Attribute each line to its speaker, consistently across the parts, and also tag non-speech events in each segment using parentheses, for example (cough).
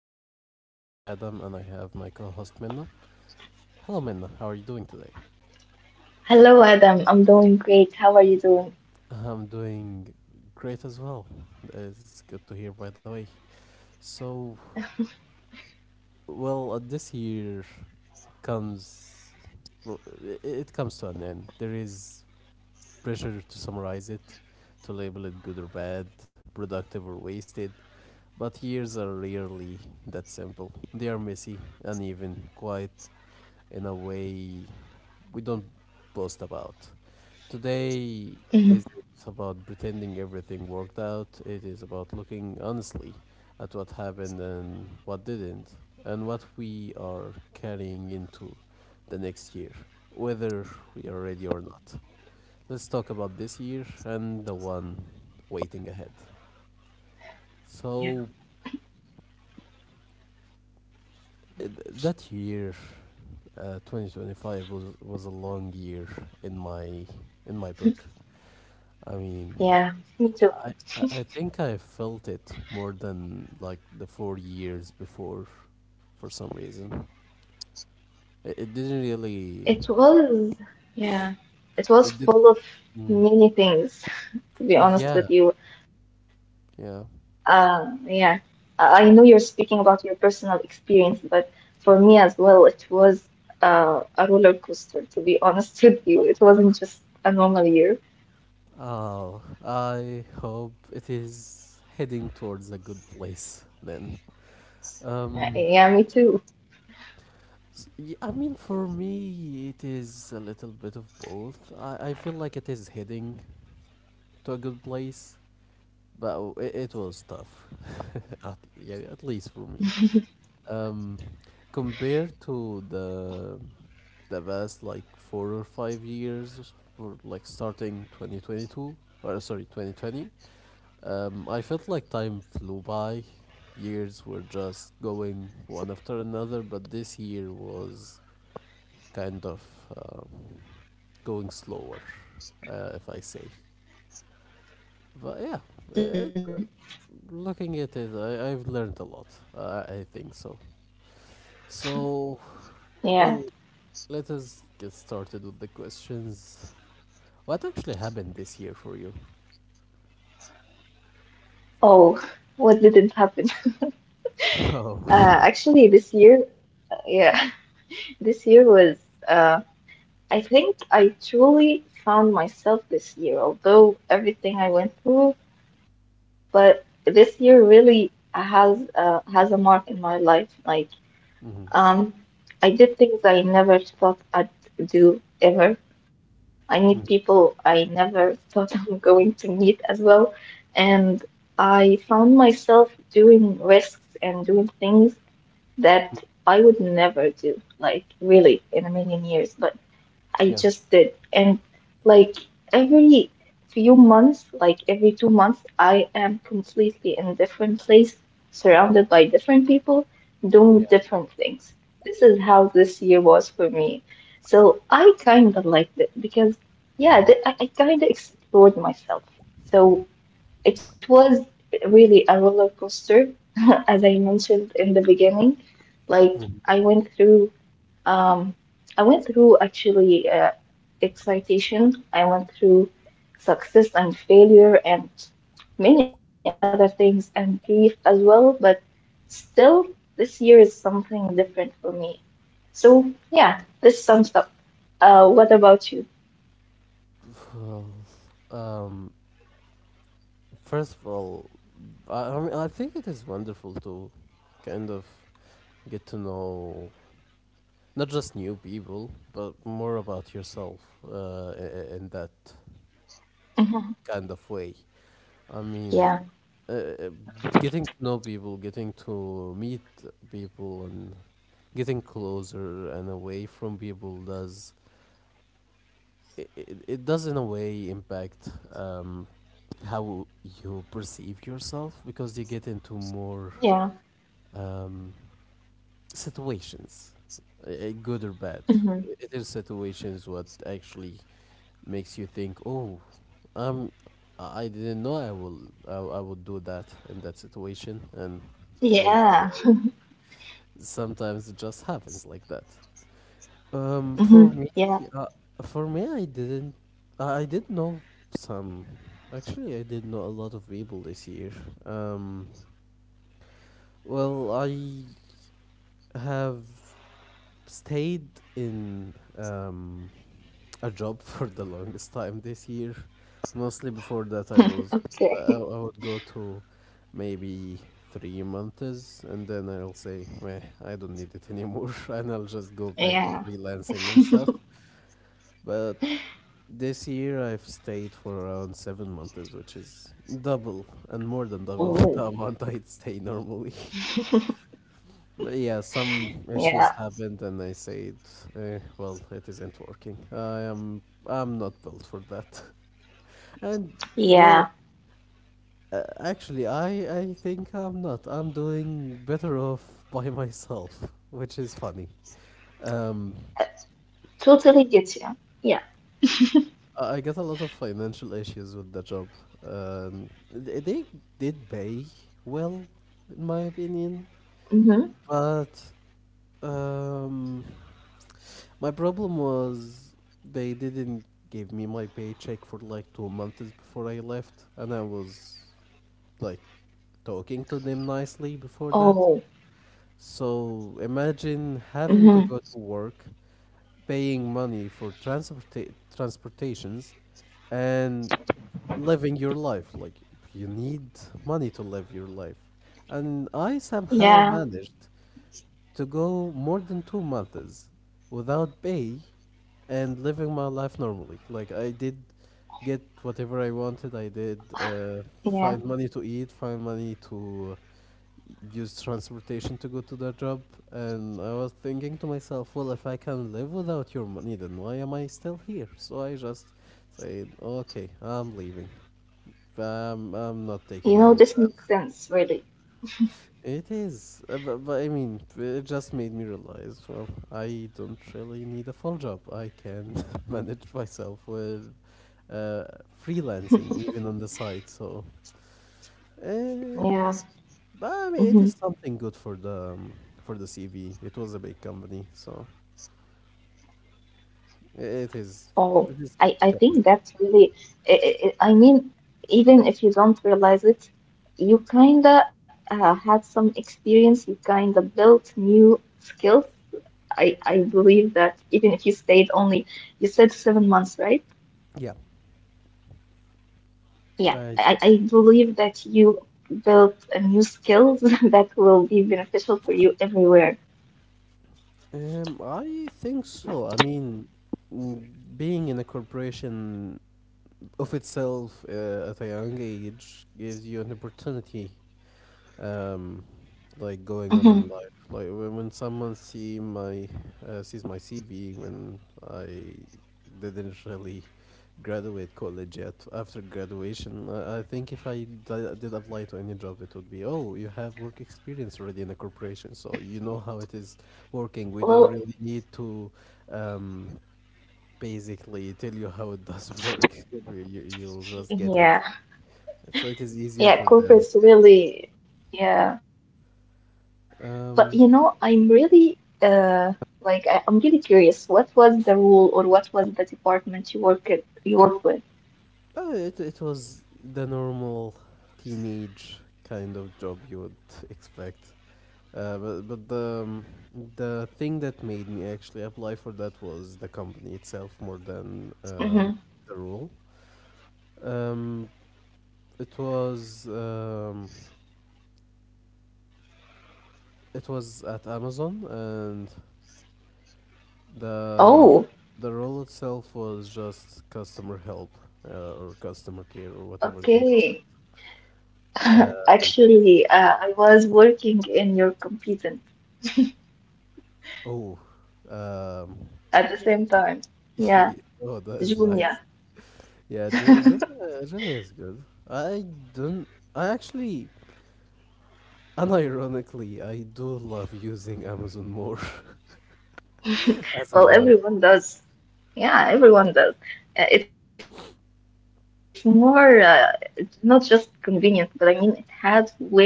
Speaker 1: I'm your host Adam and I have my co host Minna. Hello Minna, how are you doing today?
Speaker 2: Hello, Adam. I'm doing great. How are you doing?
Speaker 1: I'm doing great as well. It's good to hear, by the way. So, this year comes, it comes to an end. There is pressure to summarize it, to label it good or bad, productive or wasted. But years are rarely that simple. They are messy, uneven, quiet, in a way we don't boast about.
Speaker 2: Mhm.
Speaker 1: Today is it's about pretending everything worked out. It is about looking honestly at what happened and what didn't, and what we are carrying into the next year, whether we are ready or not. Let's talk about this year and the one waiting ahead.
Speaker 2: Yeah.
Speaker 1: So that year, 2025 was a long year in my in my book. I mean,
Speaker 2: Yeah, me too.
Speaker 1: I think I felt it more than like the 4 years before, for some reason. It didn't really.
Speaker 2: It was, yeah, it was
Speaker 1: It did.
Speaker 2: full of
Speaker 1: Mm,
Speaker 2: many things, (laughs) to be
Speaker 1: yeah,
Speaker 2: honest with you.
Speaker 1: yeah.
Speaker 2: Yeah, I know you're speaking about your personal experience, but for me as well, it was a roller coaster, to be honest (laughs) with you. It wasn't just a normal year.
Speaker 1: Oh, I hope it is heading towards a good place then. Um,
Speaker 2: Yeah, me too.
Speaker 1: I mean, for me, it is a little bit of both. I feel like it is heading to a good place, but it was tough. (laughs) At, yeah, at least for me. Um, compared to the past like 4 or 5 years, or like starting 2022, or sorry, 2020, I felt like time flew by. Years were just going one after another, but this year was kind of um, going slower, if I say. But yeah, it,
Speaker 2: Hmm.
Speaker 1: looking at it, I've learned a lot. I think so. So,
Speaker 2: Yeah.
Speaker 1: well, Let us get started with the questions. What actually happened this year for you?
Speaker 2: Oh, what didn't happen? (laughs)
Speaker 1: (laughs) Oh.
Speaker 2: Actually, this year, yeah. This year was, uh, I think I truly found myself this year, although everything I went through, but this year really has has a mark in my life. Like,
Speaker 1: Hmm.
Speaker 2: um, I did things I never thought I'd do ever. I meet
Speaker 1: Mm.
Speaker 2: people I never thought (laughs) I'm going to meet as well, and I found myself doing risks and doing things that I would never do, like really in a million years, but I
Speaker 1: Yeah.
Speaker 2: just did. And like every few months, like every 2 months, I am completely in a different place, surrounded by different people, doing
Speaker 1: Yeah.
Speaker 2: different things. This is how this year was for me. So I kind of liked it because, yeah, I kind of explored myself. So it was really a roller coaster, (laughs) as I mentioned in the beginning. Like
Speaker 1: Mm-hmm.
Speaker 2: um, I went through actually excitation. I went through success and failure and many other things and grief as well. But still, this year is something different for me. So yeah,
Speaker 1: Well,
Speaker 2: this sums up. What about you?
Speaker 1: well, um, first of all, I mean, I think it is wonderful to kind of get to know not just new people, but more about yourself, in that
Speaker 2: Mhm.
Speaker 1: kind of way.
Speaker 2: Yeah,
Speaker 1: I mean, uh, uh, getting to know people, getting to meet people, and getting closer and away from people does it does in a way impact how you perceive yourself, because you get into more
Speaker 2: yeah.
Speaker 1: um, situations, good or bad. It is
Speaker 2: Hmm,
Speaker 1: situations what actually makes you think, oh, um, I didn't know I will I would do that in that situation, and well, I,
Speaker 2: yeah.
Speaker 1: sometimes it just happens like that. Um, for me,
Speaker 2: Hmm,
Speaker 1: uh,
Speaker 2: yeah.
Speaker 1: for me, I didn't. I did know some. Actually, I did know a lot of people this year. Um, I have stayed in a job (laughs) for the longest time this year. Mostly before that, I
Speaker 2: Okay.
Speaker 1: would
Speaker 2: (laughs)
Speaker 1: go to maybe 3 months, and then I'll say, "Meh, I don't need it anymore," (laughs) and I'll just go back to
Speaker 2: Yeah.
Speaker 1: freelancing and stuff. But this year, I've stayed for around 7 months, which is double and more than double (laughs) the
Speaker 2: Oh.
Speaker 1: amount I'd stay normally. (laughs) But yeah, some issues
Speaker 2: Yeah.
Speaker 1: happened, and I said, eh, "Well, it isn't working. I'm not built for that." (laughs) And well,
Speaker 2: Yeah.
Speaker 1: actually, I think I'm not. I'm doing better off (laughs) by myself, which is funny. Um,
Speaker 2: Uh, Totally get you. Yeah.
Speaker 1: I get a lot of financial issues with the job. They did pay well, in my opinion,
Speaker 2: Mm-hmm.
Speaker 1: but um, my problem was they didn't give me my paycheck for like 2 months before I left, and I was like talking to them nicely
Speaker 2: Oh.
Speaker 1: before that. So imagine
Speaker 2: Mm-hmm.
Speaker 1: having to go to work, paying money for transportations, and living your life. Like, you need money to live your life, and I somehow
Speaker 2: Yeah.
Speaker 1: managed to go more than 2 months without pay and living my life normally. Like, I did get whatever I wanted. I did
Speaker 2: Yeah.
Speaker 1: find money to eat, find money to use transportation to go to the job. And I was thinking to myself, well, if I can live without your money, then why am I still here? So I just said, okay, I'm leaving. I'm not
Speaker 2: You
Speaker 1: taking
Speaker 2: know,
Speaker 1: all.
Speaker 2: this makes sense, really.
Speaker 1: It is, but I mean, it just made me realize, well, I don't really need a full job. I can (laughs) manage myself with uh, freelancing, even on the side. So,
Speaker 2: Yeah.
Speaker 1: uh,
Speaker 2: Mm-hmm.
Speaker 1: but I mean, it is something good for the CV. It was a big company, so it is.
Speaker 2: Oh.
Speaker 1: It
Speaker 2: I,
Speaker 1: is
Speaker 2: I think
Speaker 1: kind of,
Speaker 2: that's really, I mean, even if you don't realize it, you kinda had some experience, you kinda built new skills. I believe that even if you stayed only, you said 7 months, right?
Speaker 1: yeah.
Speaker 2: Yeah,
Speaker 1: I
Speaker 2: I believe that you built a new skills (laughs) that will be beneficial for you everywhere.
Speaker 1: I think so. I mean, mm, being in a corporation of itself, at a young age, gives you an opportunity, um,
Speaker 2: Hmm.
Speaker 1: like going on in life. Like, when someone sees my CV, when I didn't really graduate college yet. After graduation, I think if I did apply to any job, it would be, oh, you have work experience already in a corporation, so you know how it is working, we
Speaker 2: Well,
Speaker 1: don't really need to um basically tell you how it does (laughs) work. You will just get it.
Speaker 2: yeah,
Speaker 1: So it is easier
Speaker 2: yeah,
Speaker 1: for them.
Speaker 2: corporates really, yeah. But you know, I'm really
Speaker 1: Um,
Speaker 2: uh like I'm really curious. What was the role or what was the department you worked with?
Speaker 1: it was the normal teenage kind of job you would expect. Uh, but but the, um, the thing that made me actually apply for that was the company itself more than
Speaker 2: Hmm.
Speaker 1: the rule. Um, it was um, it was at Amazon. And
Speaker 2: Oh,
Speaker 1: the the role itself was just customer help, or customer care, or whatever they call
Speaker 2: okay.
Speaker 1: it.
Speaker 2: (laughs) Actually, I was working in your competent
Speaker 1: Oh, um,
Speaker 2: at the same time.
Speaker 1: (laughs) yeah,
Speaker 2: Yeah,
Speaker 1: oh, that is nice.
Speaker 2: junior.
Speaker 1: Yeah, Jimmy is good. I don't. I actually, unironically, I do love using Amazon more (laughs) as an
Speaker 2: Well,
Speaker 1: app.
Speaker 2: everyone does. Yeah, everyone does. It's more, it's not just convenient, but I mean, it has way more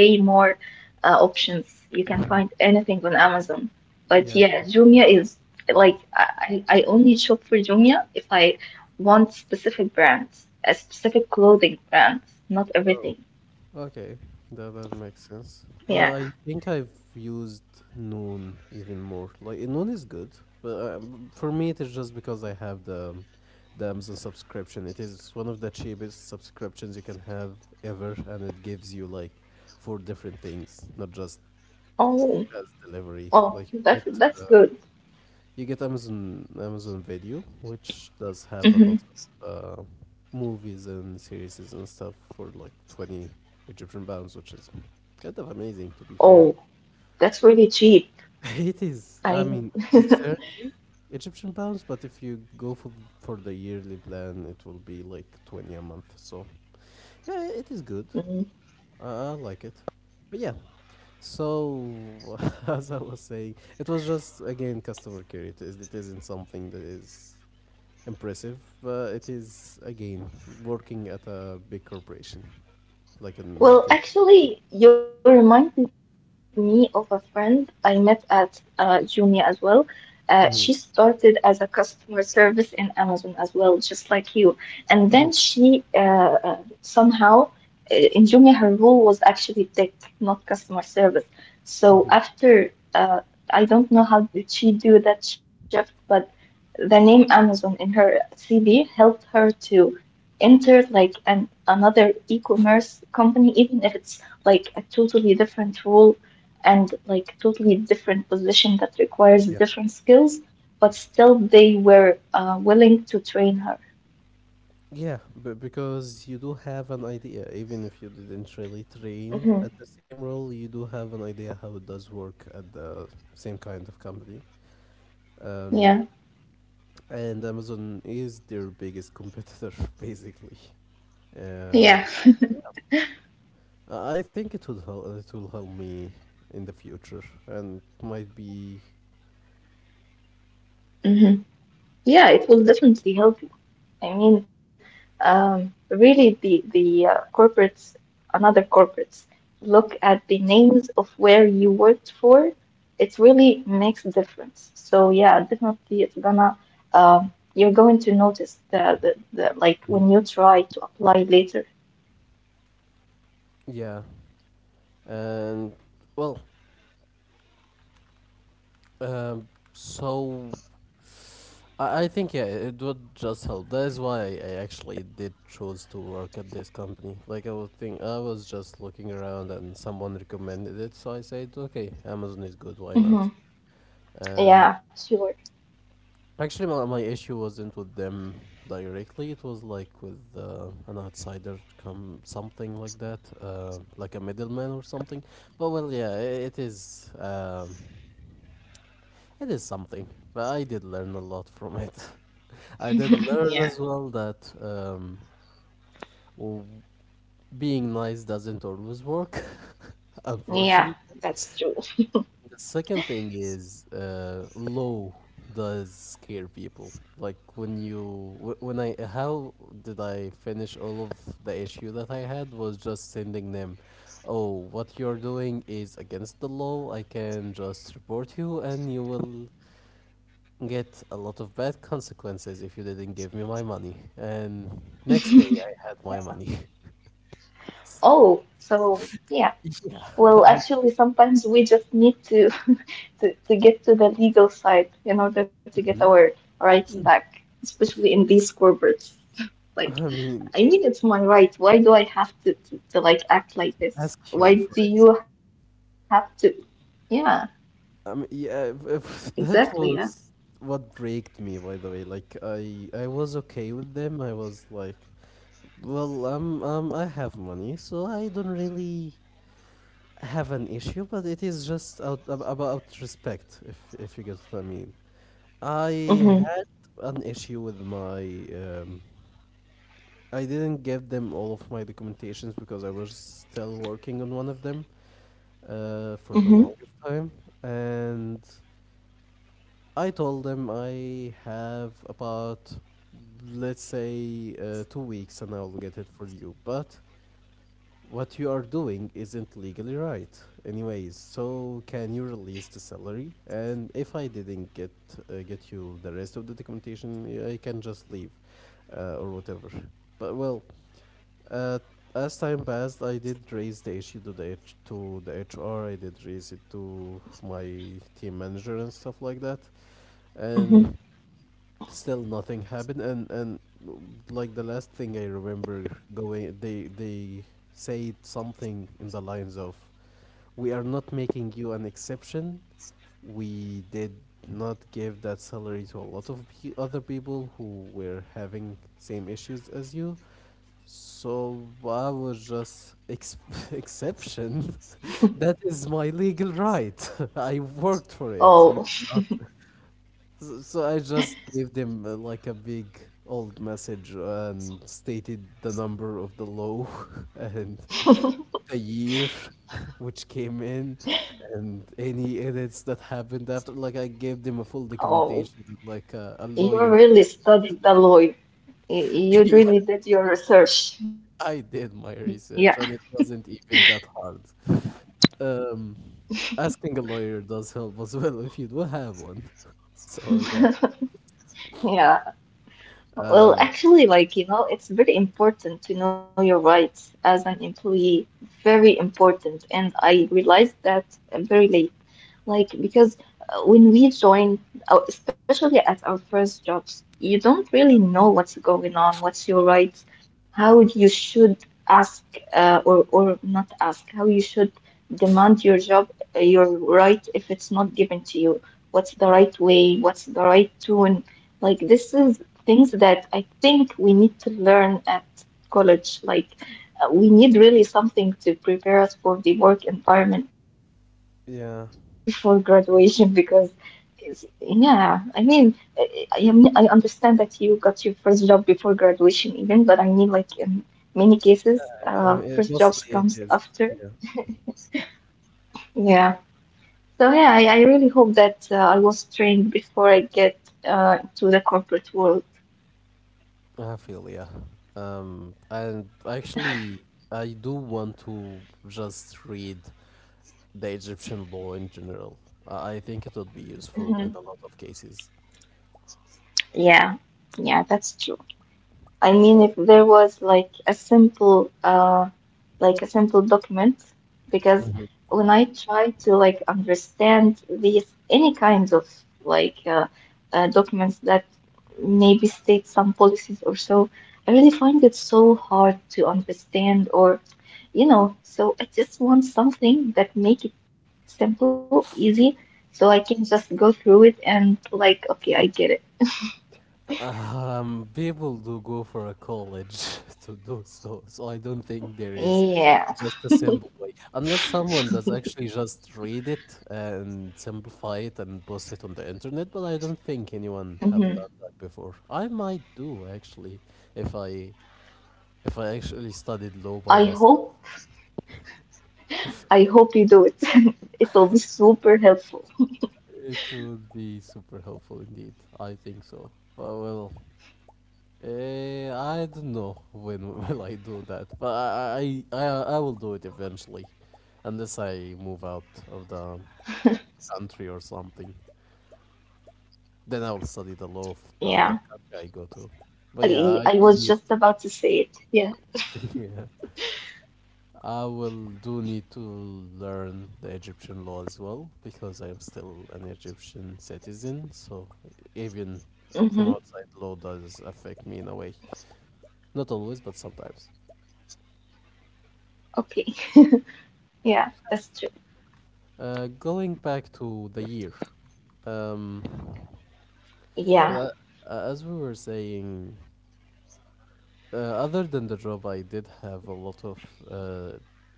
Speaker 2: options. You can find anything on Amazon. But yeah, Jumia
Speaker 1: Yeah,
Speaker 2: is like, I only shop for Jumia if I want specific brands, a specific clothing brands, not everything.
Speaker 1: well, okay, that makes sense.
Speaker 2: Yeah.
Speaker 1: I think I've used Noon even more. Like, Noon is good, but for me it is just because I have the Amazon subscription. It is one of the cheapest subscriptions you can have ever, and it gives you like four different things, not just
Speaker 2: Oh,
Speaker 1: fast delivery. Like,
Speaker 2: oh, that's that's good.
Speaker 1: you get Amazon Video, which does have a lot
Speaker 2: Hmm.
Speaker 1: of movies and series and stuff for like 20 Egyptian pounds, which is kind of amazing, to be fair.
Speaker 2: Oh, that's really cheap.
Speaker 1: (laughs) It is. I mean,
Speaker 2: I.
Speaker 1: it is 30 Egyptian pounds, but if you go for for the yearly plan, it will be like 20 a month. So, yeah, it is good.
Speaker 2: (laughs)
Speaker 1: I like it. But yeah, so, (laughs) as I was saying, it was just again customer care. It isn't something that is impressive. It is again working at a big corporation, like in multi.
Speaker 2: Well, actually, you reminded me of a friend I met at Jumia as well. She
Speaker 1: Hmm.
Speaker 2: started as a customer service in Amazon as well, just like you. And then
Speaker 1: Oh.
Speaker 2: she uh, somehow in Jumia, her role was actually tech, not customer service. So
Speaker 1: Hmm.
Speaker 2: after I don't know how did she do that shift, but the name Amazon in her CV helped her to enter like an another e-commerce company, even if it's like a totally different role and like totally different position that requires different skills, but still they were willing to train her.
Speaker 1: Yeah, but because you do have an idea, even if you didn't really
Speaker 2: Hmm.
Speaker 1: train at the same role, you do have an idea how it does work at the same kind of company. Um,
Speaker 2: Yeah.
Speaker 1: and Amazon is their biggest competitor, (laughs) basically. Um,
Speaker 2: Yeah.
Speaker 1: so, uh, I think it would help. It will help me in the future, and might be.
Speaker 2: (laughs) Hmm. Yeah, it will definitely help you. I mean, really, the corporates, another corporates, look at the names of where you worked for. It really makes difference. So yeah, definitely, it's gonna you're going to notice the like
Speaker 1: Mhm.
Speaker 2: when you try to apply later.
Speaker 1: Yeah. And well, um, so, I think, yeah, it would just help. That is why I actually did choose to work at this company. Like, I was just looking around, and someone recommended it, so I said, okay, Amazon is good. Why not?
Speaker 2: Hmm.
Speaker 1: And
Speaker 2: Yeah, sure.
Speaker 1: actually, my issue wasn't with them directly. It was like with an outsider, come something like that, like a middleman or something. But well, yeah, it is. It is something. But I did learn a lot from it. (laughs) I did learn
Speaker 2: Yeah.
Speaker 1: as well that w- being nice doesn't always work, (laughs) unfortunately.
Speaker 2: Yeah, that's true.
Speaker 1: The second thing is, low does scare people. Like, when you wh- when I how did I finish all of the issue that I had was just sending them, oh, what you're doing is against the law. I can just report you, and you will get a lot of bad consequences if you didn't give me my money. And next day I had my
Speaker 2: Yeah.
Speaker 1: money. (laughs) So
Speaker 2: Oh, so yeah.
Speaker 1: yeah, (laughs)
Speaker 2: Well,
Speaker 1: I,
Speaker 2: actually, sometimes we just need to, (laughs) to get to the legal side in order to get our rights back, especially in these corporates. Like,
Speaker 1: I mean,
Speaker 2: I mean, it's my right. Why do I have to like act like this?
Speaker 1: ask
Speaker 2: Why
Speaker 1: you for.
Speaker 2: do you have to? Yeah,
Speaker 1: Um, yeah,
Speaker 2: exactly.
Speaker 1: if (laughs)
Speaker 2: Yeah.
Speaker 1: that was what braked me, by the way. Like, I was okay with them. I was like, well, I have money, so I don't really have an issue. But it is just out about respect, if you get what I mean. I
Speaker 2: Mm-hmm.
Speaker 1: had an issue with my um. I didn't give them all of my documentations because I was still working on one of them, for
Speaker 2: Mm-hmm.
Speaker 1: the longest time, and I told them I have about, let's say, 2 weeks and I'll get it for you. But what you are doing isn't legally right, anyways. So can you release the salary? And if I didn't get you the rest of the documentation, I can just leave, or whatever. But uh, as time passed, I did raise the issue to the to the HR. I did raise it to my team manager and stuff like that
Speaker 2: Hmm.
Speaker 1: and Still nothing happened, and like the last thing I remember going, they said something in the lines of, we are not making you an exception. We did not give that salary to a lot of other people who were having same issues as you. So I was just (laughs) exception. (laughs) That is my legal right. (laughs) I worked for it, you
Speaker 2: Oh,
Speaker 1: cannot. So I just gave them like a big old message and stated the number of the low (laughs) and
Speaker 2: (laughs)
Speaker 1: the year (laughs) which came in, and any edits that happened after. Like I gave them a full
Speaker 2: oh,
Speaker 1: documentation, like a
Speaker 2: you
Speaker 1: lawyer
Speaker 2: really
Speaker 1: type.
Speaker 2: studied the law. You
Speaker 1: (laughs) Yeah,
Speaker 2: really did your research. Yeah,
Speaker 1: I did my research and it wasn't even that hard. Um, Asking a lawyer does help as well if you do have one. (laughs) So yeah,
Speaker 2: yeah. Well,
Speaker 1: um,
Speaker 2: actually, like, it's very important to know your rights as an employee. Very important. And I realized that very late. Like, because when we join, especially at our first jobs, you don't really know what's going on, what's your rights, how you should ask or, not ask, how you should demand your job, your right if it's not given to you. What's the right way? What's the right tone? Like, this is things that I think we need to learn at college. Like, we need really something to prepare us for the work environment
Speaker 1: yeah.
Speaker 2: before graduation because yeah, I mean, I understand that you got your first job before graduation even, but I mean, like in many cases, first jobs
Speaker 1: Mostly it
Speaker 2: comes
Speaker 1: is.
Speaker 2: after.
Speaker 1: Yeah.
Speaker 2: Yeah. So yeah, I really hope that I was trained before I get to the corporate world.
Speaker 1: I feel yeah. And actually, I do want to just read the Egyptian law in general. I think it would be useful in a
Speaker 2: Hmm.
Speaker 1: lot of cases.
Speaker 2: Yeah, yeah, that's true. I mean,
Speaker 1: Oh.
Speaker 2: if there was like a simple document, because when I try to like understand these any kinds of like documents that maybe state some policies or so, I really find it so hard to understand or, so I just want something that make it simple, easy, so I can just go through it and like, okay, I get it.
Speaker 1: People do go for a college (laughs) to do so, so I don't think there
Speaker 2: Yeah.
Speaker 1: is just a simple way, unless someone does actually just read it and simplify it and post it on the internet. But I don't think anyone have
Speaker 2: Hmm.
Speaker 1: done that before. I might do actually if I if I actually
Speaker 2: I
Speaker 1: studied law
Speaker 2: hope.
Speaker 1: by myself.
Speaker 2: I hope you do it. (laughs) It will be super helpful.
Speaker 1: It would be super helpful indeed. I think so. Well, I don't know when (laughs) will I do that, but I will do it eventually, unless I move out of the country or something. Then I will study
Speaker 2: Yeah.
Speaker 1: the law of the other country I go to.
Speaker 2: I was
Speaker 1: But
Speaker 2: just
Speaker 1: yeah, I
Speaker 2: about to
Speaker 1: do need.
Speaker 2: say it. Yeah.
Speaker 1: (laughs) Yeah, I will do need to learn the Egyptian law as well because I am still an Egyptian citizen. So even
Speaker 2: Mm-hmm.
Speaker 1: from outside law does affect me in a way. Not always, but sometimes.
Speaker 2: Okay. (laughs) Yeah, that's true.
Speaker 1: Going back to the year, um,
Speaker 2: Yeah.
Speaker 1: well, uh, as we were saying, other than the job, I did have a lot of uh,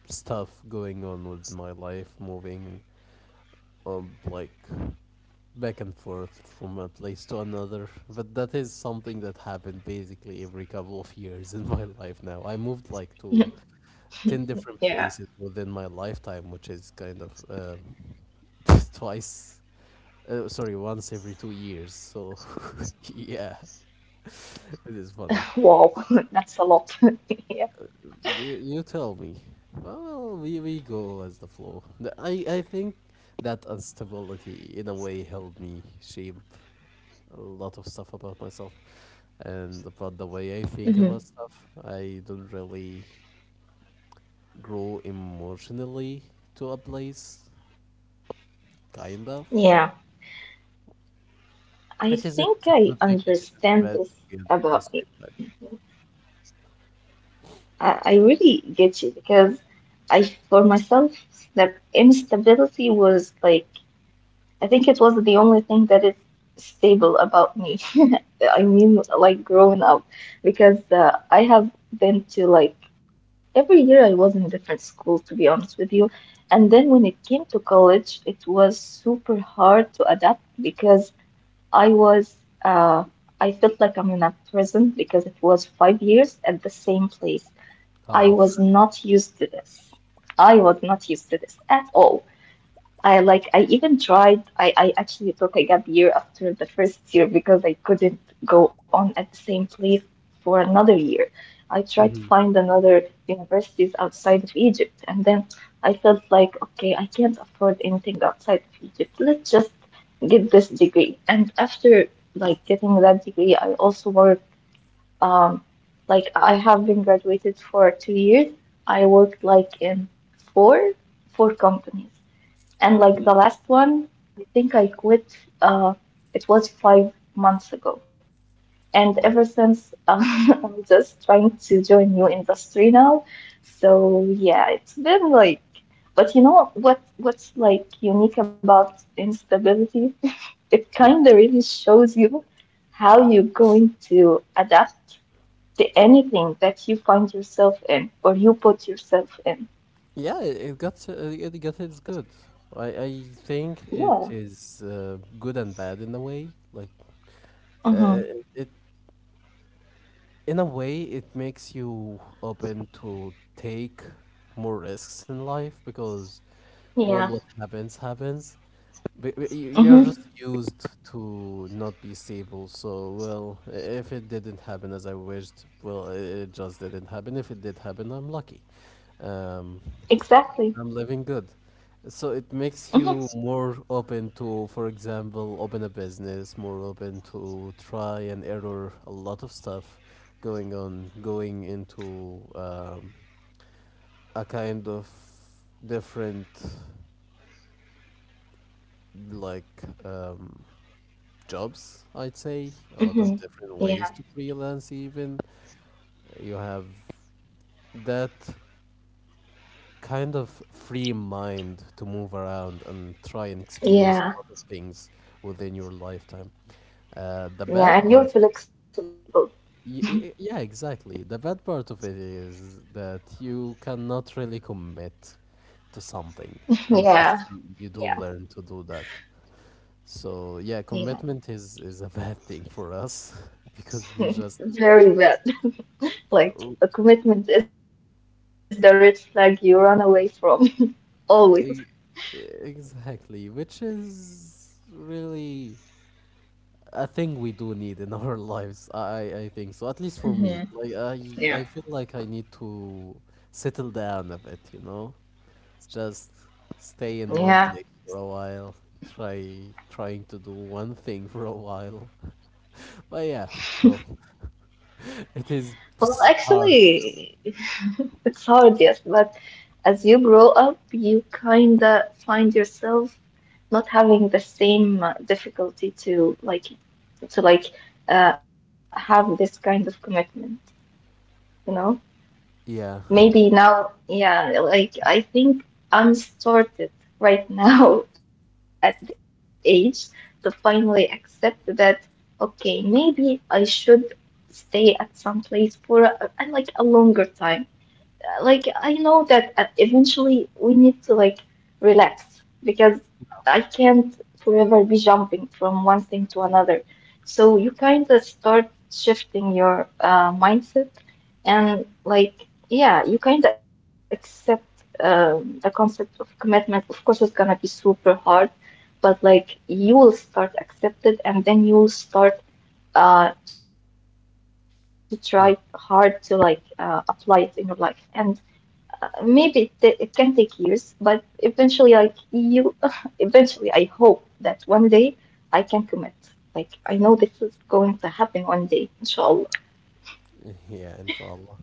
Speaker 1: stuff going on with my life, moving like back and forth from a place to another. But that is something that happened basically every couple of years (laughs) in my life now. I moved like to
Speaker 2: (laughs)
Speaker 1: 10
Speaker 2: Yeah.
Speaker 1: different places within my lifetime, which is kind of (laughs) twice sorry, once every 2 years. So yeah, (laughs) it is funny.
Speaker 2: Wow, (laughs) that's a lot. (laughs) Yeah.
Speaker 1: You tell me. Well, we go as the flow. I think that instability, in a way, helped me shape a lot of stuff about myself. And about the way I think
Speaker 2: Hmm.
Speaker 1: about stuff, I don't really grow emotionally to a place, kind of.
Speaker 2: Yeah. I
Speaker 1: It isn't a
Speaker 2: think
Speaker 1: good
Speaker 2: I
Speaker 1: thing, it isn't a
Speaker 2: understand
Speaker 1: bad
Speaker 2: this
Speaker 1: thing at the
Speaker 2: about I,
Speaker 1: same time.
Speaker 2: I really get you because I, for myself, that instability was like I think it was the only thing that is stable about me. (laughs) I mean, like growing up, because I have been to like every year I was in a different school, to be honest with you. And then when it came to college, it was super hard to adapt because I was, uh, I felt like I'm in a prison because it was 5 years at the same place. I
Speaker 1: Oh,
Speaker 2: was not used to this. I was not used to this at all. I like, I even tried, I actually took like a gap year after the first year because I couldn't go on at the same place for another year. I tried to
Speaker 1: mm-hmm.
Speaker 2: find another universities outside of Egypt and then I felt like okay, I can't afford anything outside of Egypt. Let's just get this degree. And after like getting that degree, I also worked um like I have been graduated for 2 years. I worked like in four four companies. And like the last one, I think I quit, uh, it was 5 months ago. And
Speaker 1: Oh,
Speaker 2: ever since, (laughs) I'm just trying to join new industry now. So yeah, it's been like, but you know what, what's like unique about instability? (laughs) It
Speaker 1: yeah.
Speaker 2: kind of really shows you how you're going to adapt to anything that you find yourself in or you put yourself in.
Speaker 1: Yeah, it got it's good. I think it
Speaker 2: Yeah.
Speaker 1: is good and bad in a way. Like uh, uh,
Speaker 2: Mm-hmm.
Speaker 1: it, in a way, it makes you open to take more risks in life because well,
Speaker 2: Yeah.
Speaker 1: what happens happens. But you're
Speaker 2: Mm-hmm.
Speaker 1: just used to not be stable. So well, if it didn't happen as I wished, well, it just didn't happen. If it did happen, I'm lucky. Um,
Speaker 2: Exactly.
Speaker 1: I'm living good. So it makes
Speaker 2: Hmm.
Speaker 1: you more open to, for example, open a business, more open to try and error a lot of stuff going on, going into a kind of different, like, jobs, I'd say, a lot of
Speaker 2: Hmm.
Speaker 1: different
Speaker 2: Yeah.
Speaker 1: ways to freelance, even. You have that kind of free mind to move around and try and experience
Speaker 2: Yeah,
Speaker 1: a lot of things within your lifetime. The
Speaker 2: yeah.
Speaker 1: bad
Speaker 2: And you're
Speaker 1: part,
Speaker 2: flexible.
Speaker 1: yeah, exactly. The bad part of it is that you cannot really commit to something
Speaker 2: Yeah,
Speaker 1: unless you
Speaker 2: yeah.
Speaker 1: do learn to do that. So yeah,
Speaker 2: Yeah.
Speaker 1: commitment is a (laughs) bad thing for us (laughs) because we
Speaker 2: (laughs)
Speaker 1: just
Speaker 2: Very well. Like
Speaker 1: oh,
Speaker 2: a commitment is the red flag you run away from (laughs) always.
Speaker 1: e- exactly, which is really a thing we do need in (laughs) our lives. I think so. At least for me, like
Speaker 2: Hmm.
Speaker 1: I feel
Speaker 2: Yeah.
Speaker 1: like I need to settle down a bit. You know, just stay in one
Speaker 2: Yeah.
Speaker 1: place for a while. Trying to do one thing (laughs) for a while. (laughs) But yeah, well, (laughs) it is
Speaker 2: Well,
Speaker 1: hard.
Speaker 2: actually, it's hard, yes, but as you grow up, you kinda find yourself not having the same difficulty to like have this kind of commitment, you know?
Speaker 1: Yeah.
Speaker 2: Maybe now, yeah, like I think I'm sorted right now (laughs) at this age to finally accept that, okay, maybe I should stay at some place for like a longer time like I know that eventually we need to like relax because I can't forever be jumping from one thing to another. So you kind of start shifting your mindset and like yeah, you kind of accept the concept of commitment. Of course, it's gonna be super hard, but like you will start accept it and then you will start to try hard to like
Speaker 1: Mm.
Speaker 2: apply it in your life and maybe it can take years, but eventually, like you, (laughs) eventually, I hope that one day I can commit. Like I know this is going to happen one day, inshallah.
Speaker 1: Yeah, inshallah.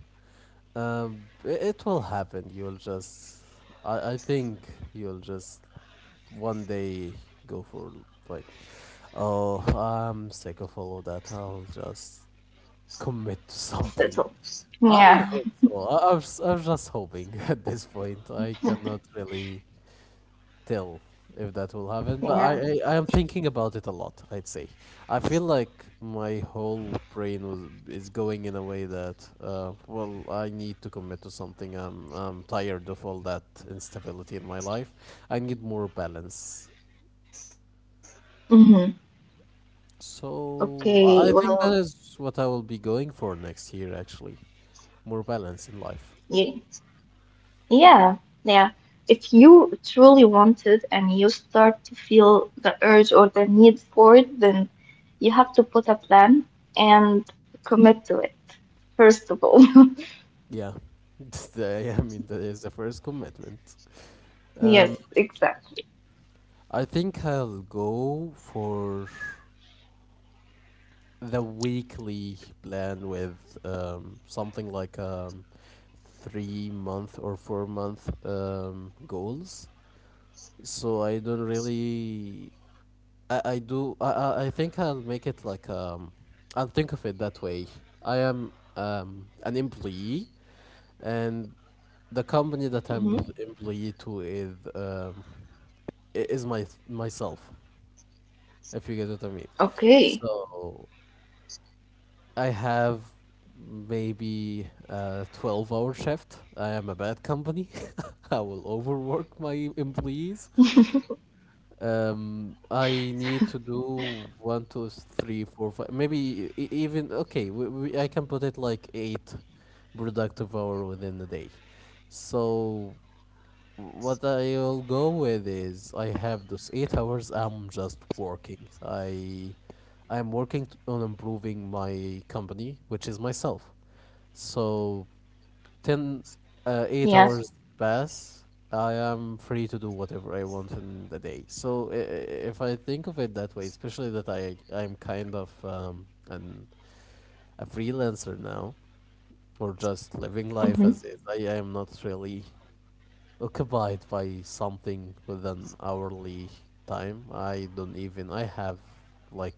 Speaker 1: It will happen. I think you'll just one day go for, like, oh, I'm sick of all of that. I'll just commit to
Speaker 2: That's
Speaker 1: something.
Speaker 2: all.
Speaker 1: I
Speaker 2: Yeah,
Speaker 1: hope so. I'm just hoping (laughs) at this point. I cannot really tell if that will happen, but
Speaker 2: yeah.
Speaker 1: I am thinking about it a lot, I'd say. I feel like my whole brain was is going in a way that, well, I need to commit to something. I'm tired of all that instability in my life. I need more balance.
Speaker 2: Hmm. Okay,
Speaker 1: So I
Speaker 2: well,
Speaker 1: think that is what I will be going for next year, actually. More balance in life.
Speaker 2: yeah, yeah, yeah. If you truly wanted and you start to feel the urge or the need for it, then you have to put a plan and commit to it, first of all. (laughs)
Speaker 1: Yeah. (laughs) I mean, that is the first commitment. Um,
Speaker 2: Yes, exactly.
Speaker 1: I think I'll go for the weekly plan with something like 3 month or 4 month goals. So I don't really I think I'll make it like um, I'll think of it that way. I am an employee, and the
Speaker 2: Hmm.
Speaker 1: company that I'm employee to is is my myself, if you get what I mean.
Speaker 2: Okay.
Speaker 1: So I have maybe a 12-hour shift. I am a bad company. (laughs) I will overwork my employees. I need to do one, two, three, four, five, maybe even okay. I can put it like eight productive hour within the day. So what I'll go with is I have those 8 hours. I'm just working. I I'm working on improving my company, which is myself. So 10
Speaker 2: Yes.
Speaker 1: 8 hours pass, I am free to do whatever I want in the day. So if I think of it that way, especially that I'm kind of an a freelancer now, or just living life
Speaker 2: Hmm.
Speaker 1: as is, I am not really occupied by something with an hourly time. I don't even I have, like,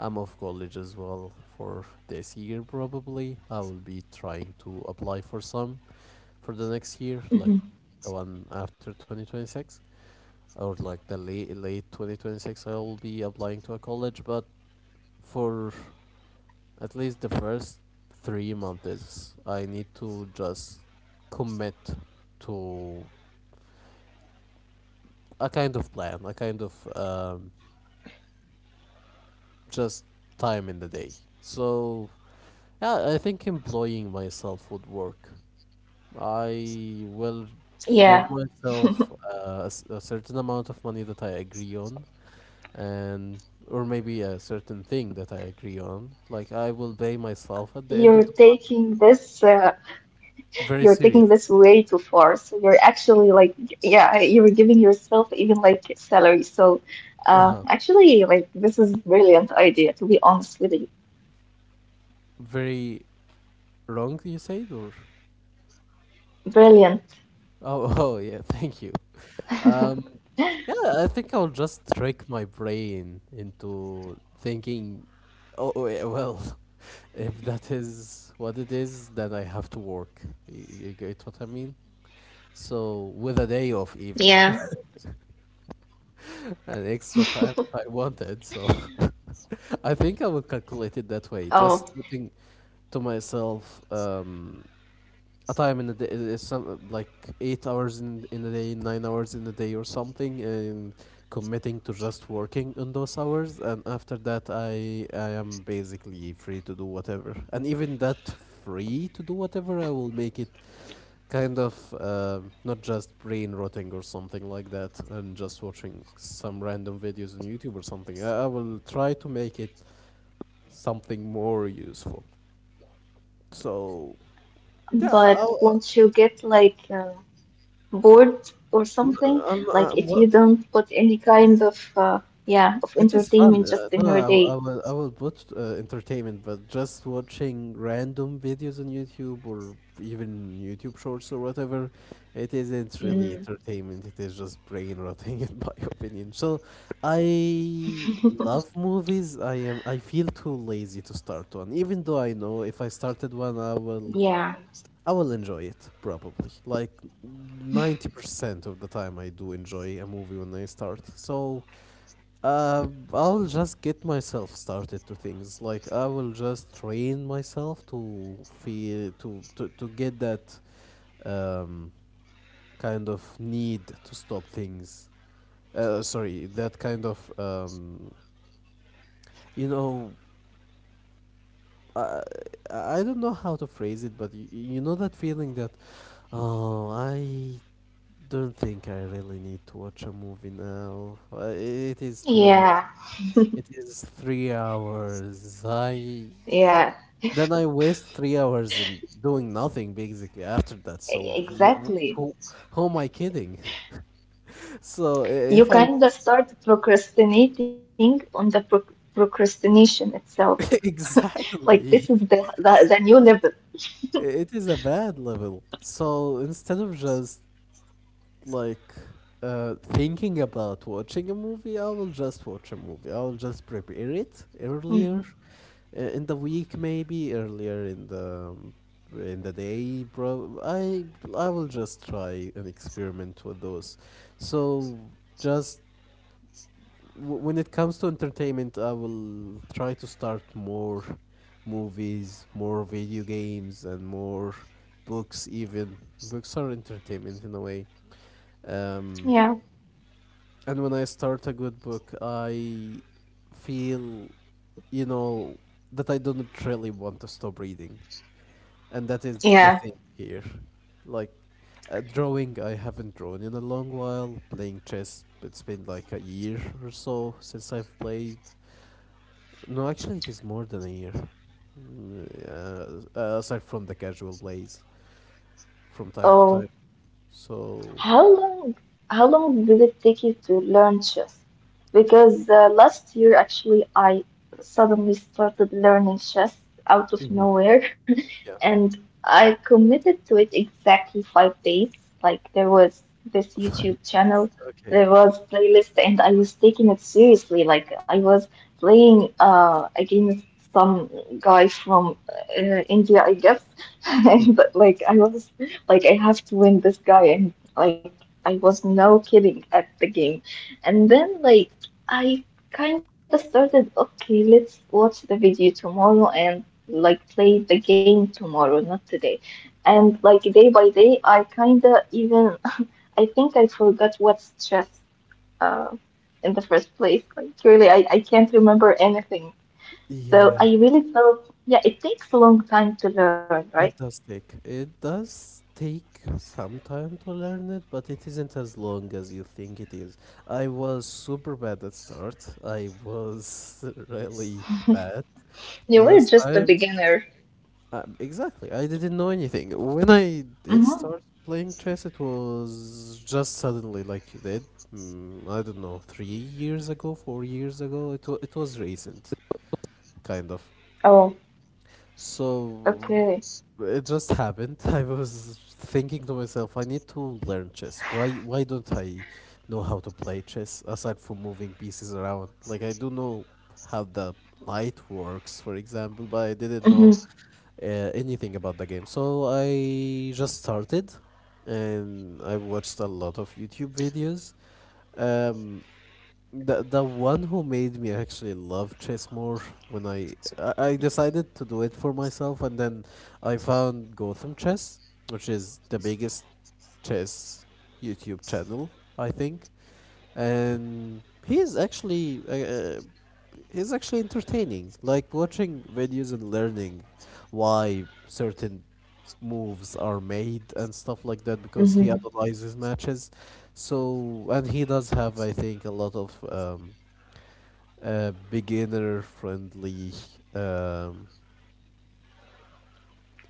Speaker 1: I'm off college as well for this year. Probably I will be trying to apply for some for the next year, like the
Speaker 2: Hmm.
Speaker 1: one after 2026, or like the late 2026 I'll be applying to a college. But for at least the first 3 months I need to just commit to a kind of plan, a kind of just time in the day. So yeah, I think employing myself would work. I will give
Speaker 2: Yeah.
Speaker 1: myself a certain amount of money that I agree on, and or maybe a certain thing that I agree on. Like I will pay myself at the end
Speaker 2: You're
Speaker 1: of the month.
Speaker 2: taking this.
Speaker 1: Very
Speaker 2: You're
Speaker 1: seriously.
Speaker 2: taking
Speaker 1: (laughs)
Speaker 2: this way too far. So you're actually like, yeah, you're giving yourself even like salary. So,
Speaker 1: Uh-huh.
Speaker 2: actually, like this is brilliant idea. To be honest with you,
Speaker 1: Very wrong, you said, or
Speaker 2: brilliant.
Speaker 1: oh, (laughs) oh yeah, thank you. Um, yeah, I think I'll just trick my brain into thinking. Oh, yeah, well, (laughs) if that is what it is, then I have to work. You get what I mean? So with a day
Speaker 2: Yeah.
Speaker 1: off, even (laughs) an extra time if I wanted. So. (laughs) I think I would calculate it that
Speaker 2: Oh,
Speaker 1: way, just putting to myself a time in the day, is some like 8 hours in a day, 9 hours in a day, or something, and committing to just working on those hours. And after that, I am basically free to do whatever. And even that free to do whatever, I will make it kind of not just brain rotting or something like that, and just watching some random videos on YouTube or something. I will try to make it something more useful. So yeah,
Speaker 2: but won't you get like? Board or something. Like if
Speaker 1: I'm
Speaker 2: you
Speaker 1: what
Speaker 2: don't put any kind of yeah of
Speaker 1: it is fun.
Speaker 2: entertainment just in
Speaker 1: No,
Speaker 2: your day.
Speaker 1: I will put entertainment, but just watching random videos on YouTube or even YouTube shorts or whatever,
Speaker 2: Mm,
Speaker 1: it isn't really entertainment. It is just brain rotting, (laughs) in my opinion. So I love movies. I feel too lazy to start one, even though I know if I started one,
Speaker 2: yeah,
Speaker 1: I will enjoy it probably. Like 90% of the time I do enjoy a movie when I start. So uh, I'll just get myself started to things. Like I will just train myself to feel to get that um, kind of need to stop things. That kind of you know I I don't know how to phrase it, but you know that feeling that oh I don't think I really need to watch a movie now. It is too
Speaker 2: yeah,
Speaker 1: much. It is 3 hours. I
Speaker 2: yeah,
Speaker 1: then I waste 3 hours in doing nothing basically after that. So
Speaker 2: exactly.
Speaker 1: who am I kidding? (laughs) So I-
Speaker 2: You
Speaker 1: if
Speaker 2: kind
Speaker 1: I
Speaker 2: of start procrastinating on the procrastination itself.
Speaker 1: (laughs)
Speaker 2: Like this is the
Speaker 1: exactly,
Speaker 2: the, the new level.
Speaker 1: it is a bad level. So instead of just like thinking about watching a movie, I will just watch a movie. I will just prepare it
Speaker 2: Mhm.
Speaker 1: earlier in the week, maybe earlier in the day. Bro, I will just try and experiment with those. So just when it comes to entertainment, I will try to start more movies, more video games, and more books. Even books are entertainment in a way. Um,
Speaker 2: Yeah,
Speaker 1: and when I start a good book, I feel, you know, that I don't really want to stop reading. And that is the
Speaker 2: yeah.
Speaker 1: thing here. Like, drawing, I haven't drawn in a long while. Playing chess, it's been like a year or so since I've played. No, actually, it is more than a year. Mm, yeah. Aside from the casual plays from time to
Speaker 2: Oh,
Speaker 1: time. So,
Speaker 2: how long how long did it take you to learn chess? Because last year actually I suddenly started learning chess out of
Speaker 1: mhm,
Speaker 2: nowhere. (laughs)
Speaker 1: yeah,
Speaker 2: And I committed to it exactly 5 days. Like there was this
Speaker 1: (laughs) five
Speaker 2: YouTube
Speaker 1: days.
Speaker 2: channel,
Speaker 1: Okay.
Speaker 2: there was playlist, and I was taking it seriously. Like I was playing against some guy from India, I guess, (laughs) and but, like I was like I have to win this guy, and like I was no kidding at the game, and then like I kind of started okay let's watch the video tomorrow and like play the game tomorrow, not today. And like day by day, I kinda even (laughs) I think I forgot what's stress uh in the first place. Like really, I can't remember anything. So
Speaker 1: Yeah,
Speaker 2: I really felt yeah, it takes a long time to learn, right?
Speaker 1: it does take. It does take some time to learn it, but it isn't as long as you think it is. I was super bad at start. I was (laughs) really bad.
Speaker 2: You
Speaker 1: But
Speaker 2: were
Speaker 1: as
Speaker 2: just a
Speaker 1: time,
Speaker 2: beginner.
Speaker 1: exactly, I didn't know anything. When I did
Speaker 2: Mm-hmm.
Speaker 1: start playing chess, it was just suddenly like you did. Mm, I don't know, 3 years ago, 4 years ago. It was recent, kind of.
Speaker 2: Oh, okay.
Speaker 1: So it just happened. (laughs) I was thinking to myself, I need to learn chess. Why don't I know how to play chess aside from moving pieces around? Like I do know how the light works, for example,
Speaker 2: Mm-hmm.
Speaker 1: but I didn't know uh, anything about the game. So I just started and I watched a lot of YouTube videos. Um the one who made me actually love chess more when I decided to do it for myself and then I found Gotham Chess, which is the biggest chess YouTube channel, I think, and he's actually entertaining like watching videos and learning why certain moves are made and stuff like that because he
Speaker 2: Mm-hmm.
Speaker 1: analyzes matches, so and he does have, I think, a lot of beginner friendly um,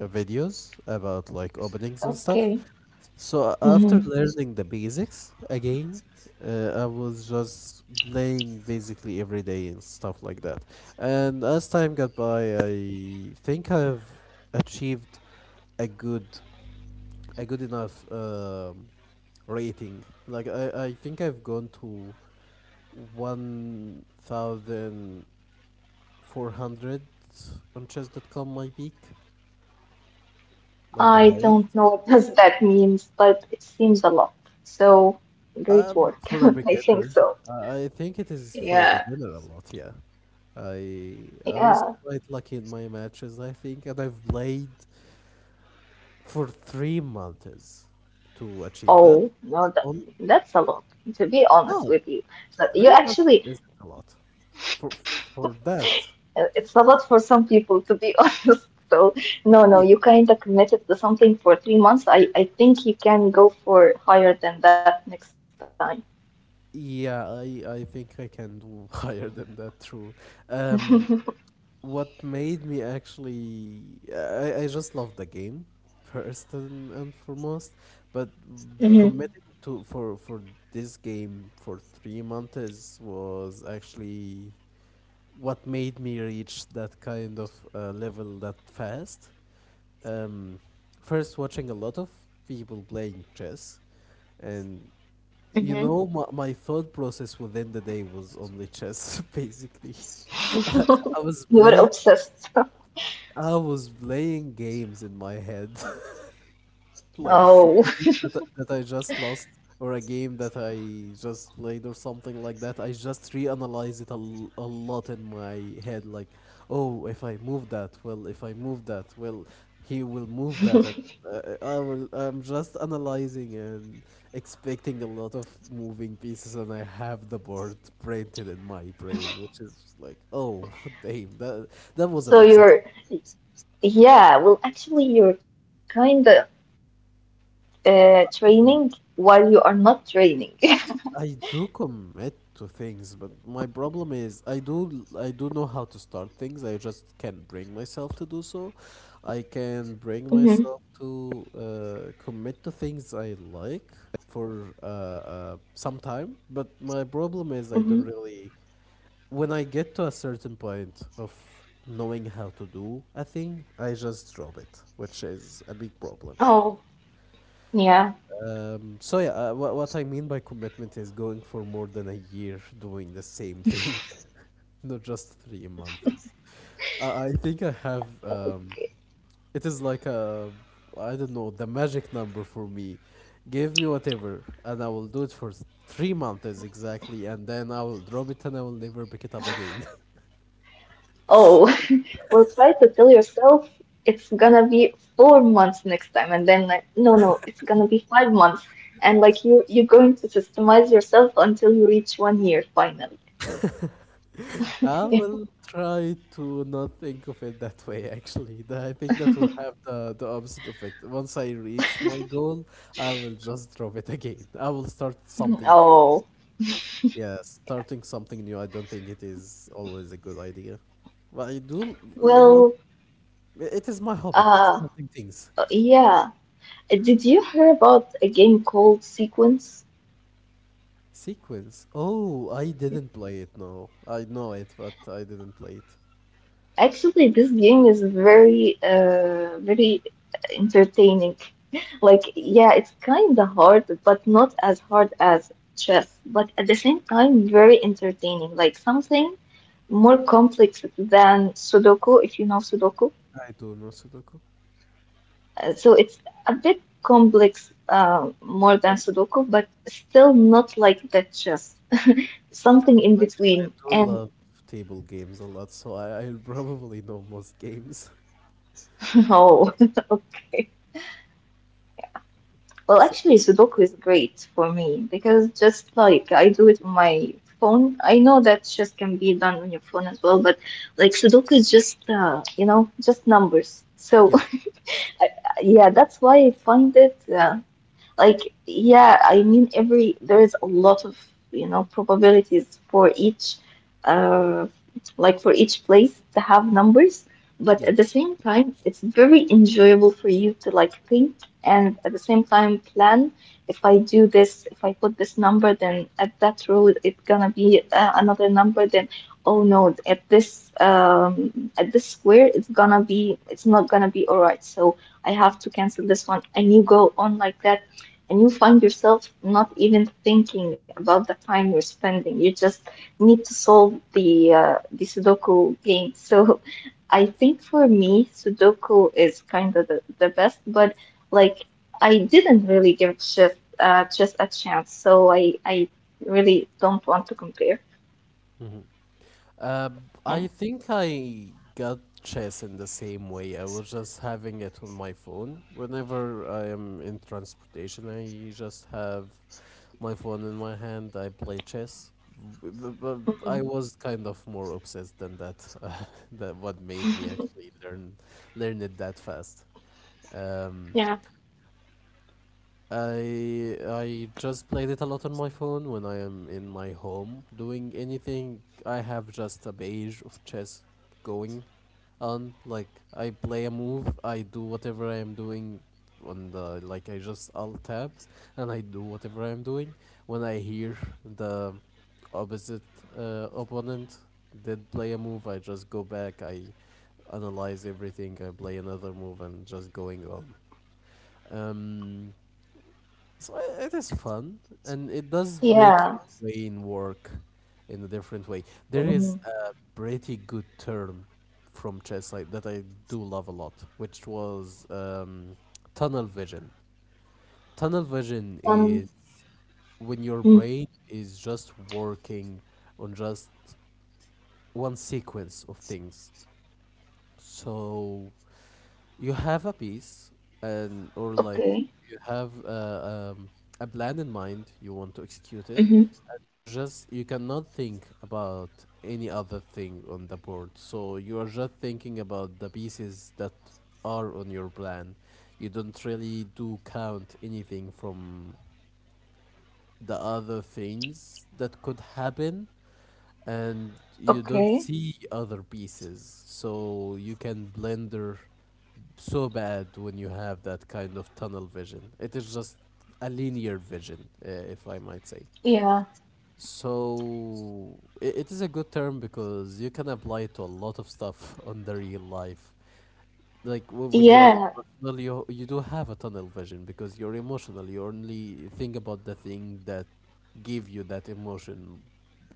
Speaker 1: videos about like openings and stuff.
Speaker 2: Okay.
Speaker 1: So
Speaker 2: Mm-hmm.
Speaker 1: after learning the basics again, I was just playing basically every day and stuff like that. And as time got by, I think I've achieved a good, a good enough rating. Like I think I've gone to 1,400 on chess.com, my peak, like the
Speaker 2: I don't
Speaker 1: highest.
Speaker 2: know what does that means, but it seems a lot. So great work.
Speaker 1: For a
Speaker 2: (laughs) I think
Speaker 1: beginner,
Speaker 2: so.
Speaker 1: I think it is, for a
Speaker 2: Yeah,
Speaker 1: beginner, a lot. Yeah, I was
Speaker 2: yeah.
Speaker 1: quite lucky in my matches, I think, and I've played for 3 months to achieve that.
Speaker 2: Oh, no, that,
Speaker 1: On
Speaker 2: that's a lot, to be honest
Speaker 1: No,
Speaker 2: with you. So you
Speaker 1: 3 months
Speaker 2: actually,
Speaker 1: isn't a lot for that.
Speaker 2: it's a lot for some people, to be (laughs) honest. So, no, no,
Speaker 1: Yeah,
Speaker 2: you kind of committed to something for 3 months. I think you can go for higher than that next time.
Speaker 1: yeah, I think I can do (laughs) higher than that. True. Um, what made me actually I just love the game first and foremost, but
Speaker 2: Hmm.
Speaker 1: committing to for this game for 3 months was actually what made me reach that kind of level that fast. um First, watching a lot of people playing chess, and you
Speaker 2: Hmm.
Speaker 1: know, my thought process within the day was only chess (laughs) basically. (laughs) I,
Speaker 2: (laughs)
Speaker 1: I was
Speaker 2: You were
Speaker 1: playing
Speaker 2: obsessed. (laughs)
Speaker 1: I was playing games in my head, (laughs) like
Speaker 2: Oh,
Speaker 1: a game that I just lost or a game that I just played or something like that. I just reanalyze it a lot in my head, like, oh, if I move that, well, if I move that, well, he will move that, and I will. I'm just analyzing and expecting a lot of moving pieces, and I have the board printed in my brain, which is like, oh, (laughs) damn, that
Speaker 2: (laughs)
Speaker 1: was
Speaker 2: so
Speaker 1: an obsession.
Speaker 2: you're, yeah, well, actually, you're kind of training while you are not training. (laughs)
Speaker 1: I do commit to things, but my problem is I do know how to start things. I just can't bring myself to do so. I can
Speaker 2: Hmm.
Speaker 1: bring myself to commit to things I like for some time, but my problem is I don't
Speaker 2: Hmm.
Speaker 1: really, when I get to a certain point of knowing how to do a thing, I just drop it, which is a big problem.
Speaker 2: Oh, yeah.
Speaker 1: So, what I mean by commitment is going for more than a year doing the same thing, (laughs) not just 3 months. I think I have. It is like a, I don't know, the magic number for me. Give me whatever, and I will do it for 3 months exactly, and then I will drop it and I will never pick it up again. (laughs)
Speaker 2: Oh, (laughs) well, try to tell yourself it's gonna be 4 months next time, and then like, no, no, it's gonna be 5 months, and like you're going to systemize yourself until you reach 1 year finally.
Speaker 1: I
Speaker 2: (laughs)
Speaker 1: will try to not think of it that way, actually. I think that will have the opposite effect. Once I reach my goal, I will just drop it again. I will start something new.
Speaker 2: Oh,
Speaker 1: Yeah, starting something new, I don't think it is always a good idea. But I do.
Speaker 2: well,
Speaker 1: It is my hobby,
Speaker 2: uh,
Speaker 1: starting things.
Speaker 2: yeah. Did you hear about a game called Sequence?
Speaker 1: Sequence. Oh, I didn't play it, no. I know it, but I didn't play it.
Speaker 2: Actually, this game is very, very entertaining. Like, yeah, it's kind of hard, but not as hard as chess. But at the same time, very entertaining. Like something more complex than Sudoku, if you know Sudoku.
Speaker 1: I do know Sudoku.
Speaker 2: So it's a bit complex, more than Sudoku, but still not like the chess. (laughs) Something in
Speaker 1: Actually, I
Speaker 2: between.
Speaker 1: do
Speaker 2: And
Speaker 1: love table games a lot, so I (laughs) probably know most games.
Speaker 2: (laughs) oh, (laughs) well,
Speaker 1: (laughs) So
Speaker 2: actually, Sudoku is great for me because just like I do it on my phone. I know that just can be done on your phone as well, but like Sudoku is just, you know, just numbers. So
Speaker 1: yeah,
Speaker 2: (laughs) yeah, that's why I find it. Like, yeah, I mean, every there is a lot of, you know, probabilities for each, uh, like for each place to have numbers, but
Speaker 1: yeah.
Speaker 2: at the same time, it's very enjoyable for you to like think and at the same time plan. If I do this, if I put this number, then at that row it's gonna be another number. Then, oh no, at this square it's gonna be it's not gonna be all right. So, I have to cancel this one, and you go on like that and you find yourself not even thinking about the time you're spending. You just need to solve the Sudoku game. So (laughs) I think for me, Sudoku is kind of the best, but like I didn't really give chess chess a chance, so I really don't want to compare.
Speaker 1: Hmm.
Speaker 2: Yeah.
Speaker 1: I think I got chess in the same way. I was just having it on my phone. Whenever I am in transportation, I just have my phone in my hand. I play chess. B- b- b- I was kind of more obsessed than that. (laughs) That what made me actually learn it that fast. Um,
Speaker 2: Yeah.
Speaker 1: I just played it a lot on my phone when I am in my home doing anything. I have just a page of chess going on. Like I play a move, I do whatever I am doing on the like I just alt tab and I do whatever I am doing. When I hear the opposite opponent did play a move, I just go back, I analyze everything, I play another move and just going on. Um, so it is fun, and it does make
Speaker 2: Yeah.
Speaker 1: your brain work in a different way. There is
Speaker 2: Mhm.
Speaker 1: a pretty good term from chess, that I do love a lot, which was tunnel vision. Tunnel vision
Speaker 2: Um.
Speaker 1: is when your
Speaker 2: Mm,
Speaker 1: brain is just working on just one sequence of things. So you have a piece, and or like
Speaker 2: okay.
Speaker 1: you have a plan in mind, you want to execute it,
Speaker 2: Hmm.
Speaker 1: and you just, you cannot think about any other thing on the board, so you are just thinking about the pieces that are on your plan. You don't really do count anything from the other things that could happen, and you don't
Speaker 2: Okay.
Speaker 1: see other pieces, so you can blender so bad when you have that kind of tunnel vision. It is just a linear vision, if I might say.
Speaker 2: Yeah.
Speaker 1: So it is a good term because you can apply it to a lot of stuff (laughs) on the real life. Like when you are
Speaker 2: Yeah.
Speaker 1: emotional, you do have a tunnel vision because you're emotional. You only think about the thing that give you that emotion,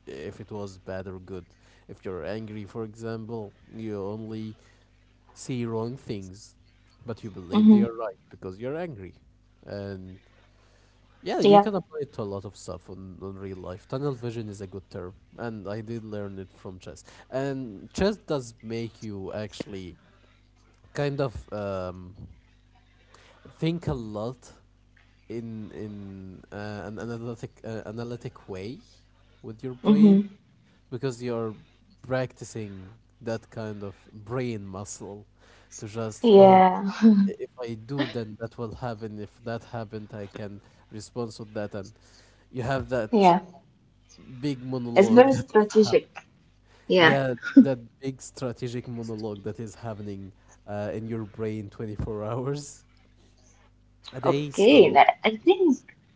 Speaker 1: if it was bad or good. If you're angry, for example, you only see wrong things, but you believe they
Speaker 2: Hmm.
Speaker 1: are right because you're angry. And
Speaker 2: Yeah.
Speaker 1: yeah, you can apply it to a lot of stuff on real life. Tunnel vision is a good term, and I did learn it from chess. And chess does make you actually kind of think a lot in an analytic way with your brain
Speaker 2: Hmm.
Speaker 1: because you're practicing that kind of brain muscle to just, oh,
Speaker 2: Yeah.
Speaker 1: if I do, then that will happen. If that happened, I can respond to that. And you have that
Speaker 2: Yeah,
Speaker 1: big
Speaker 2: it's
Speaker 1: monologue
Speaker 2: very
Speaker 1: that is happening.
Speaker 2: strategic. Yeah.
Speaker 1: Yeah, that big strategic monologue that is happening in your brain 24 hours a day.
Speaker 2: Okay. That,
Speaker 1: So
Speaker 2: I think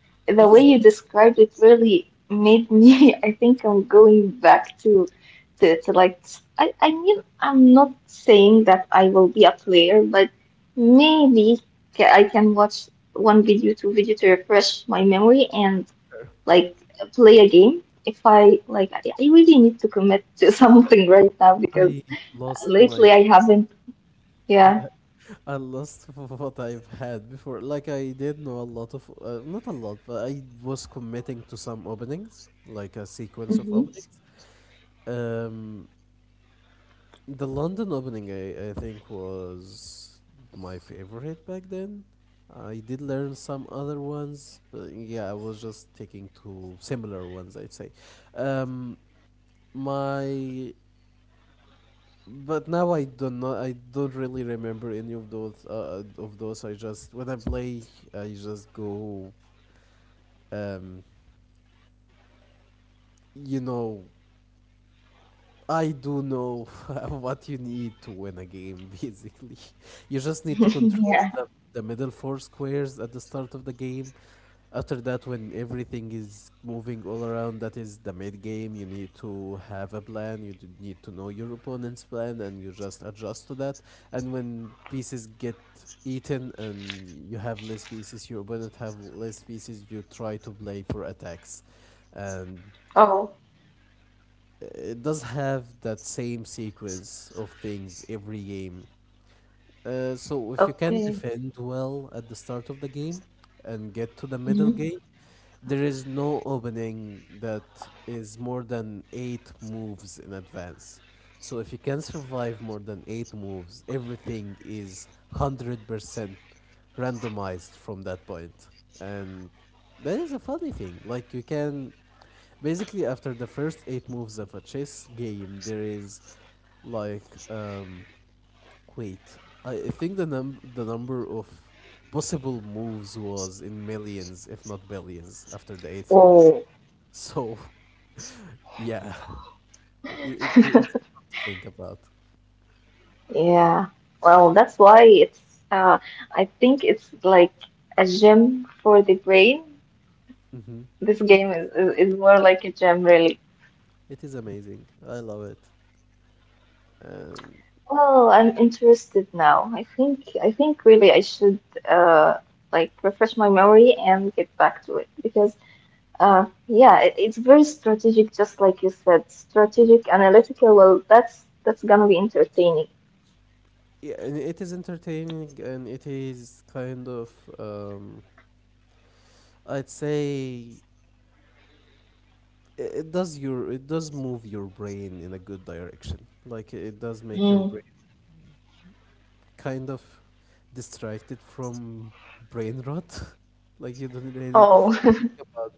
Speaker 2: the way
Speaker 1: it
Speaker 2: you
Speaker 1: is useful.
Speaker 2: described it really made me. (laughs) I think I'm going back to, to like. I mean, I'm not saying that I will be a player, but maybe I can watch one video, two video to refresh my memory and like play a game. If I like, I really need to commit to (laughs) something right now because
Speaker 1: I lost
Speaker 2: lately
Speaker 1: my.
Speaker 2: I haven't.
Speaker 1: I,
Speaker 2: Yeah.
Speaker 1: I I lost (laughs) what I've had before. Like I did know a lot of, not a lot, but I was committing to some openings, like a sequence of
Speaker 2: Hmm.
Speaker 1: openings. Um, The London opening, I think, was my favorite back then. I did learn some other ones, but yeah, I was just taking to similar ones, I'd say. Um, my But now I don't know. I don't really remember any of those. I just when I play, I just go. Um, you know, I do know (laughs) what you need to win a game, basically. (laughs) You just need to
Speaker 2: (laughs)
Speaker 1: control
Speaker 2: Yeah.
Speaker 1: the middle four squares at the start of the game. After that, when everything is moving all around, that is the mid game. You need to have a plan, need to know your opponent's plan, and you just adjust to that. And when pieces get eaten and you have less pieces, your opponent have less pieces, you try to play for attacks. And
Speaker 2: Oh,
Speaker 1: it does have that same sequence of things every game. So if you can
Speaker 2: okay.
Speaker 1: defend well at the start of the game and get to the middle
Speaker 2: Hmm.
Speaker 1: game, there is no opening that is more than 8 moves in advance. So if you can survive more than 8 moves, everything is 100% randomized from that point. And that is a funny thing. Like you can basically after the first 8 moves of a chess game there is like um wait, I think the num the number of possible moves was in millions if not billions after the eighth
Speaker 2: Oh,
Speaker 1: move So (laughs) yeah, (laughs) it,
Speaker 2: (laughs)
Speaker 1: it's fun to think about.
Speaker 2: yeah. Well, that's why it's, uh, I think it's like a gym for the brain.
Speaker 1: Mm-hmm.
Speaker 2: This
Speaker 1: It
Speaker 2: game
Speaker 1: is,
Speaker 2: is, is more like a gym, really.
Speaker 1: it is amazing. I love it. um
Speaker 2: Well, I'm interested now. I think really I should, uh, like refresh my memory and get back to it because, yeah, it's very strategic, just like you said, strategic, analytical. Well, that's gonna be entertaining.
Speaker 1: yeah, and it is entertaining, and it is kind of um I'd say it does your it does move your brain in a good direction. Like it does make your
Speaker 2: Mm.
Speaker 1: brain kind of distracted from brain rot. (laughs) Like you don't really
Speaker 2: Oh.
Speaker 1: think
Speaker 2: (laughs)
Speaker 1: about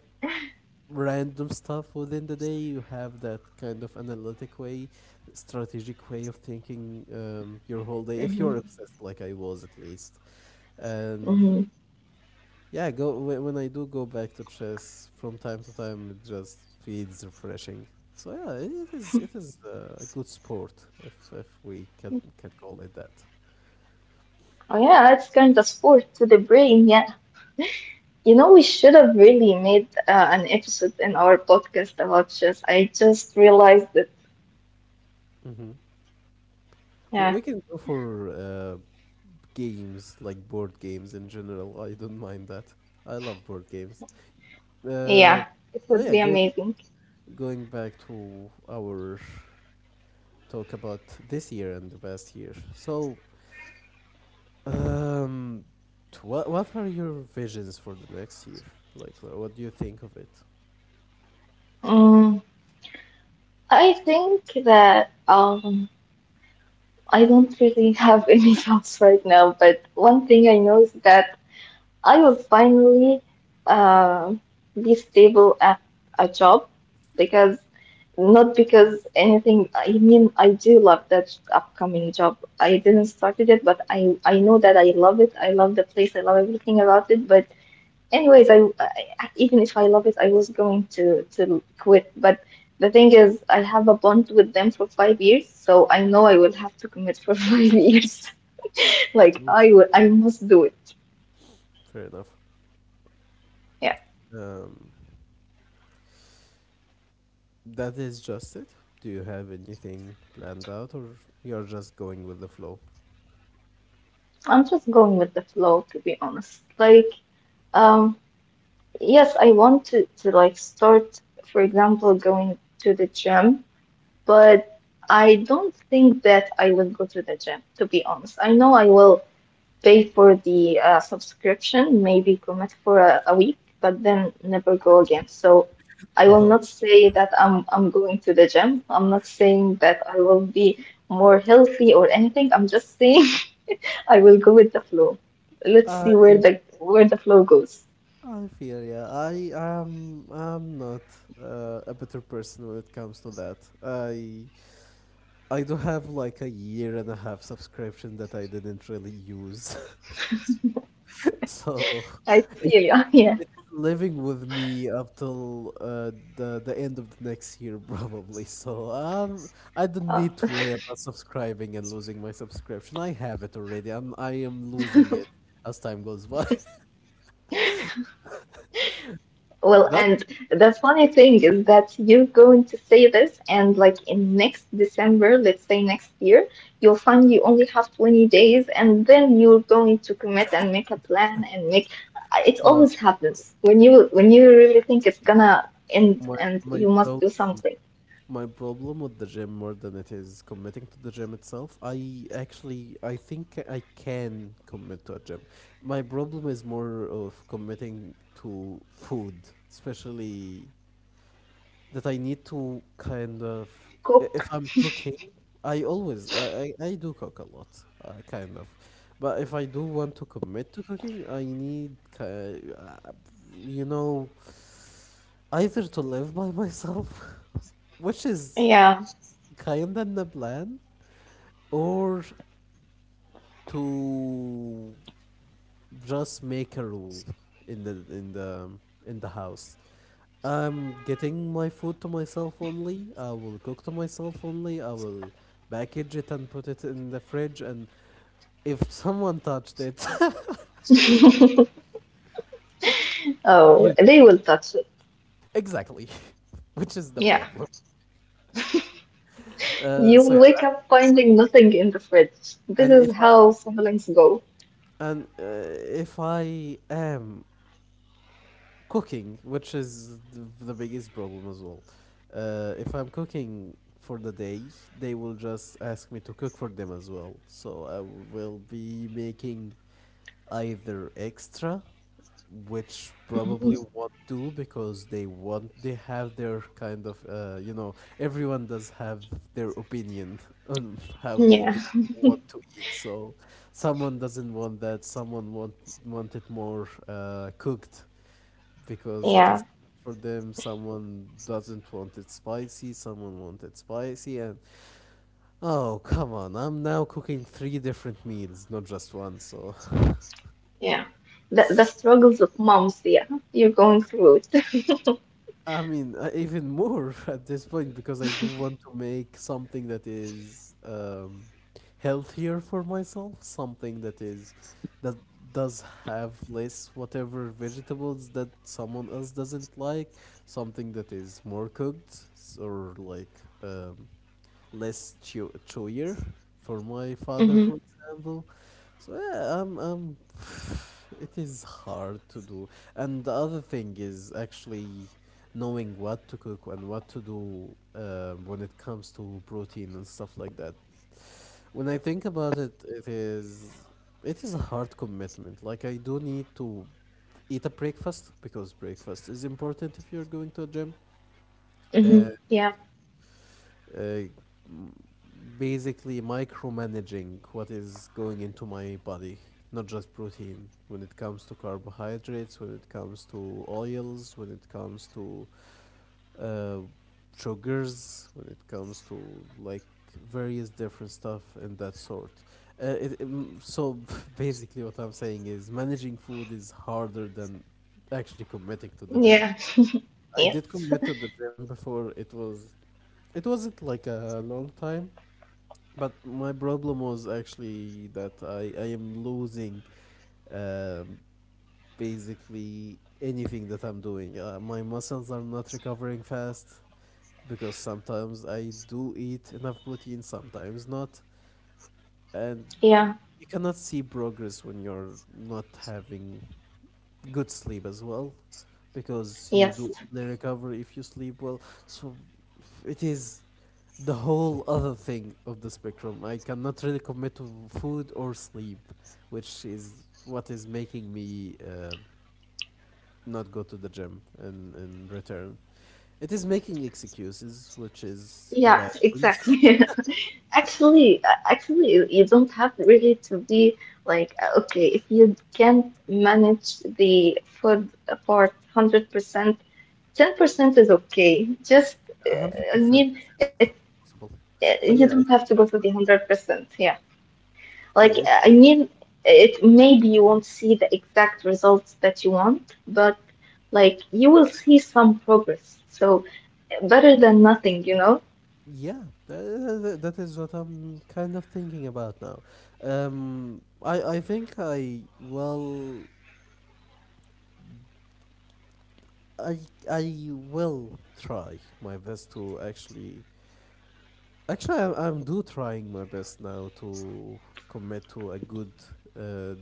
Speaker 1: random stuff within the day. You have that kind of analytic way, strategic way of thinking your whole day. If you're
Speaker 2: Mhm.
Speaker 1: obsessed, like I was at least, and
Speaker 2: Hmm.
Speaker 1: yeah, go when I do go back to chess from time to time, it just feels refreshing. So yeah, it is, it is a good sport if we can call it that.
Speaker 2: Oh yeah, it's kind of sport to the brain. Yeah, you know we should have really made an episode in our podcast about chess. I just realized it.
Speaker 1: Hmm. We,
Speaker 2: Yeah,
Speaker 1: we can go for games like board games in general. I don't mind that. I love board games. Uh,
Speaker 2: yeah, it
Speaker 1: but
Speaker 2: would
Speaker 1: yeah,
Speaker 2: be
Speaker 1: going
Speaker 2: amazing.
Speaker 1: going back to our talk about this year and the past year. So Um, what are your visions for the next year? Like, what do you think of it?
Speaker 2: Mm, I think that I don't really have (laughs) any thoughts right now, but one thing I know is that I will finally uh, be stable at a job because not because anything. I mean, I do love that upcoming job. I didn't started it, but I know that I love it. I love the place. I love everything about it. But anyways, I even if I love it, I was going to quit. But the thing is, I have a bond with them for 5 years, so I know I will have to commit for (laughs) 5 years. Like
Speaker 1: No.
Speaker 2: I will, I must do it.
Speaker 1: Fair enough.
Speaker 2: Yeah.
Speaker 1: Um, that is just it. Do you have anything planned out, or you're just going with the flow? (laughs)
Speaker 2: I'm just going with the flow, to be honest. Like, um, yes, I want to like start, for example, going to the gym, but I don't think that I will go to the gym, to be honest. I know I will pay for the subscription, maybe commit for a week, but then never go again. So I will
Speaker 1: Oh,
Speaker 2: not say that I'm going to the gym. I'm not saying that I will be more healthy or anything. I'm just saying I will go with the flow. Let's
Speaker 1: I
Speaker 2: see where the flow goes.
Speaker 1: I feel, yeah. I'm not a better person when it comes to that. I do have like a 1.5 year subscription that I didn't really use, (laughs) so
Speaker 2: I feel you. (laughs) Yeah.
Speaker 1: living with me up till the end of the next year (laughs) probably. So I don't
Speaker 2: Uh,
Speaker 1: need to worry about subscribing and losing my subscription. I have it already, and I am losing it as time goes by. (laughs)
Speaker 2: well,
Speaker 1: But
Speaker 2: and the funny thing is that you're going to say this, and like in next December, let's say next year, you'll find you only have 20 days, and then you're going to commit and make a plan and make. It
Speaker 1: no,
Speaker 2: always happens when you really think it's gonna end,
Speaker 1: my
Speaker 2: and
Speaker 1: my
Speaker 2: you must
Speaker 1: problem
Speaker 2: do something.
Speaker 1: my problem with the gym more than it is committing to the gym itself. I actually I think I can commit to a gym. My problem is more of committing to food, especially that I need to kind of
Speaker 2: Cook.
Speaker 1: if I'm cooking, I do cook a lot, kind of, but if I do want to commit to cooking, I need you know either to live by myself, (laughs) which is
Speaker 2: Yeah.
Speaker 1: kind of the plan, or to just make a rule in the in the in the house. I'm getting my food to myself only. I will cook to myself only. I will package it and put it in the fridge. And if (laughs) someone touched it,
Speaker 2: Oh,
Speaker 1: (laughs) you
Speaker 2: they will touch it.
Speaker 1: exactly, (laughs) which is the
Speaker 2: Yeah.
Speaker 1: problem. So
Speaker 2: You'll
Speaker 1: yeah,
Speaker 2: wake up finding nothing in the fridge. This
Speaker 1: and, and if
Speaker 2: is
Speaker 1: I
Speaker 2: how siblings go.
Speaker 1: and if I am cooking, which is the biggest problem as well. If I'm cooking for the day, they will just ask me to cook for them as well. So I will be making either extra, which probably won't do because they have their kind of everyone does have their opinion (laughs) on how
Speaker 2: Yeah,
Speaker 1: they want to eat. So someone doesn't want that. Someone want it more cooked because it
Speaker 2: yeah,
Speaker 1: is for them. Someone doesn't want it spicy, someone want it spicy, and oh, come on, I'm now cooking three different meals, not just one. So
Speaker 2: yeah. The struggles of moms, yeah. You're going through it. (laughs)
Speaker 1: (laughs) I mean, even more (laughs) at this point because I do want to make something that is healthier for myself, something that does have less whatever vegetables that someone else doesn't like, something that is more cooked or like chewier for my
Speaker 2: Mm-hmm,
Speaker 1: father, for example. So yeah, I'm. (sighs) It is hard to do. And the other thing is actually knowing what to cook and what to do when it comes to protein and stuff like that. When I think about it, it is, it is a hard commitment. Like I do need to eat a breakfast because breakfast is important if you're going to a gym.
Speaker 2: mm-hmm.
Speaker 1: Uh,
Speaker 2: Yeah,
Speaker 1: uh, basically micromanaging what is going into my body, not just protein. When it comes to carbohydrates, when it comes to oils, when it comes to uh, sugars, when it comes to like various different stuff and that sort. So (laughs) basically, what I'm saying is managing food is harder than actually committing to the gym.
Speaker 2: yeah,
Speaker 1: I did
Speaker 2: yes,
Speaker 1: commit to the gym before. It was, it wasn't like a long time, but my problem was actually that I am losing um, basically anything that I'm doing. My muscles are not recovering fast because sometimes I do eat enough protein, sometimes not.
Speaker 2: yeah,
Speaker 1: And you cannot see progress when you're not having good sleep as well, because you
Speaker 2: yes.
Speaker 1: do only recover if you sleep well. So it is the whole other thing of the spectrum. I cannot really commit to food or sleep, which is what is making me not go to the gym in return. It is making excuses, which is a
Speaker 2: Yeah,
Speaker 1: bad thing.
Speaker 2: exactly. (laughs) Actually, actually, you you don't have really to be like, okay, if you can't manage the food part 100%, 10% is okay. Just,
Speaker 1: (laughs)
Speaker 2: I
Speaker 1: 100%
Speaker 2: mean, it.
Speaker 1: impossible.
Speaker 2: You
Speaker 1: But
Speaker 2: don't
Speaker 1: yeah, it,
Speaker 2: have to go to the 100%. Yeah. Like,
Speaker 1: it
Speaker 2: I mean, it maybe you won't see the exact results that you want, but like you will see some progress. So, better than nothing, you know?
Speaker 1: yeah, that is what I'm kind of thinking about now. Um, I I think I well I I will try my best to actually actually, I'm do trying my best now to commit to a good uh,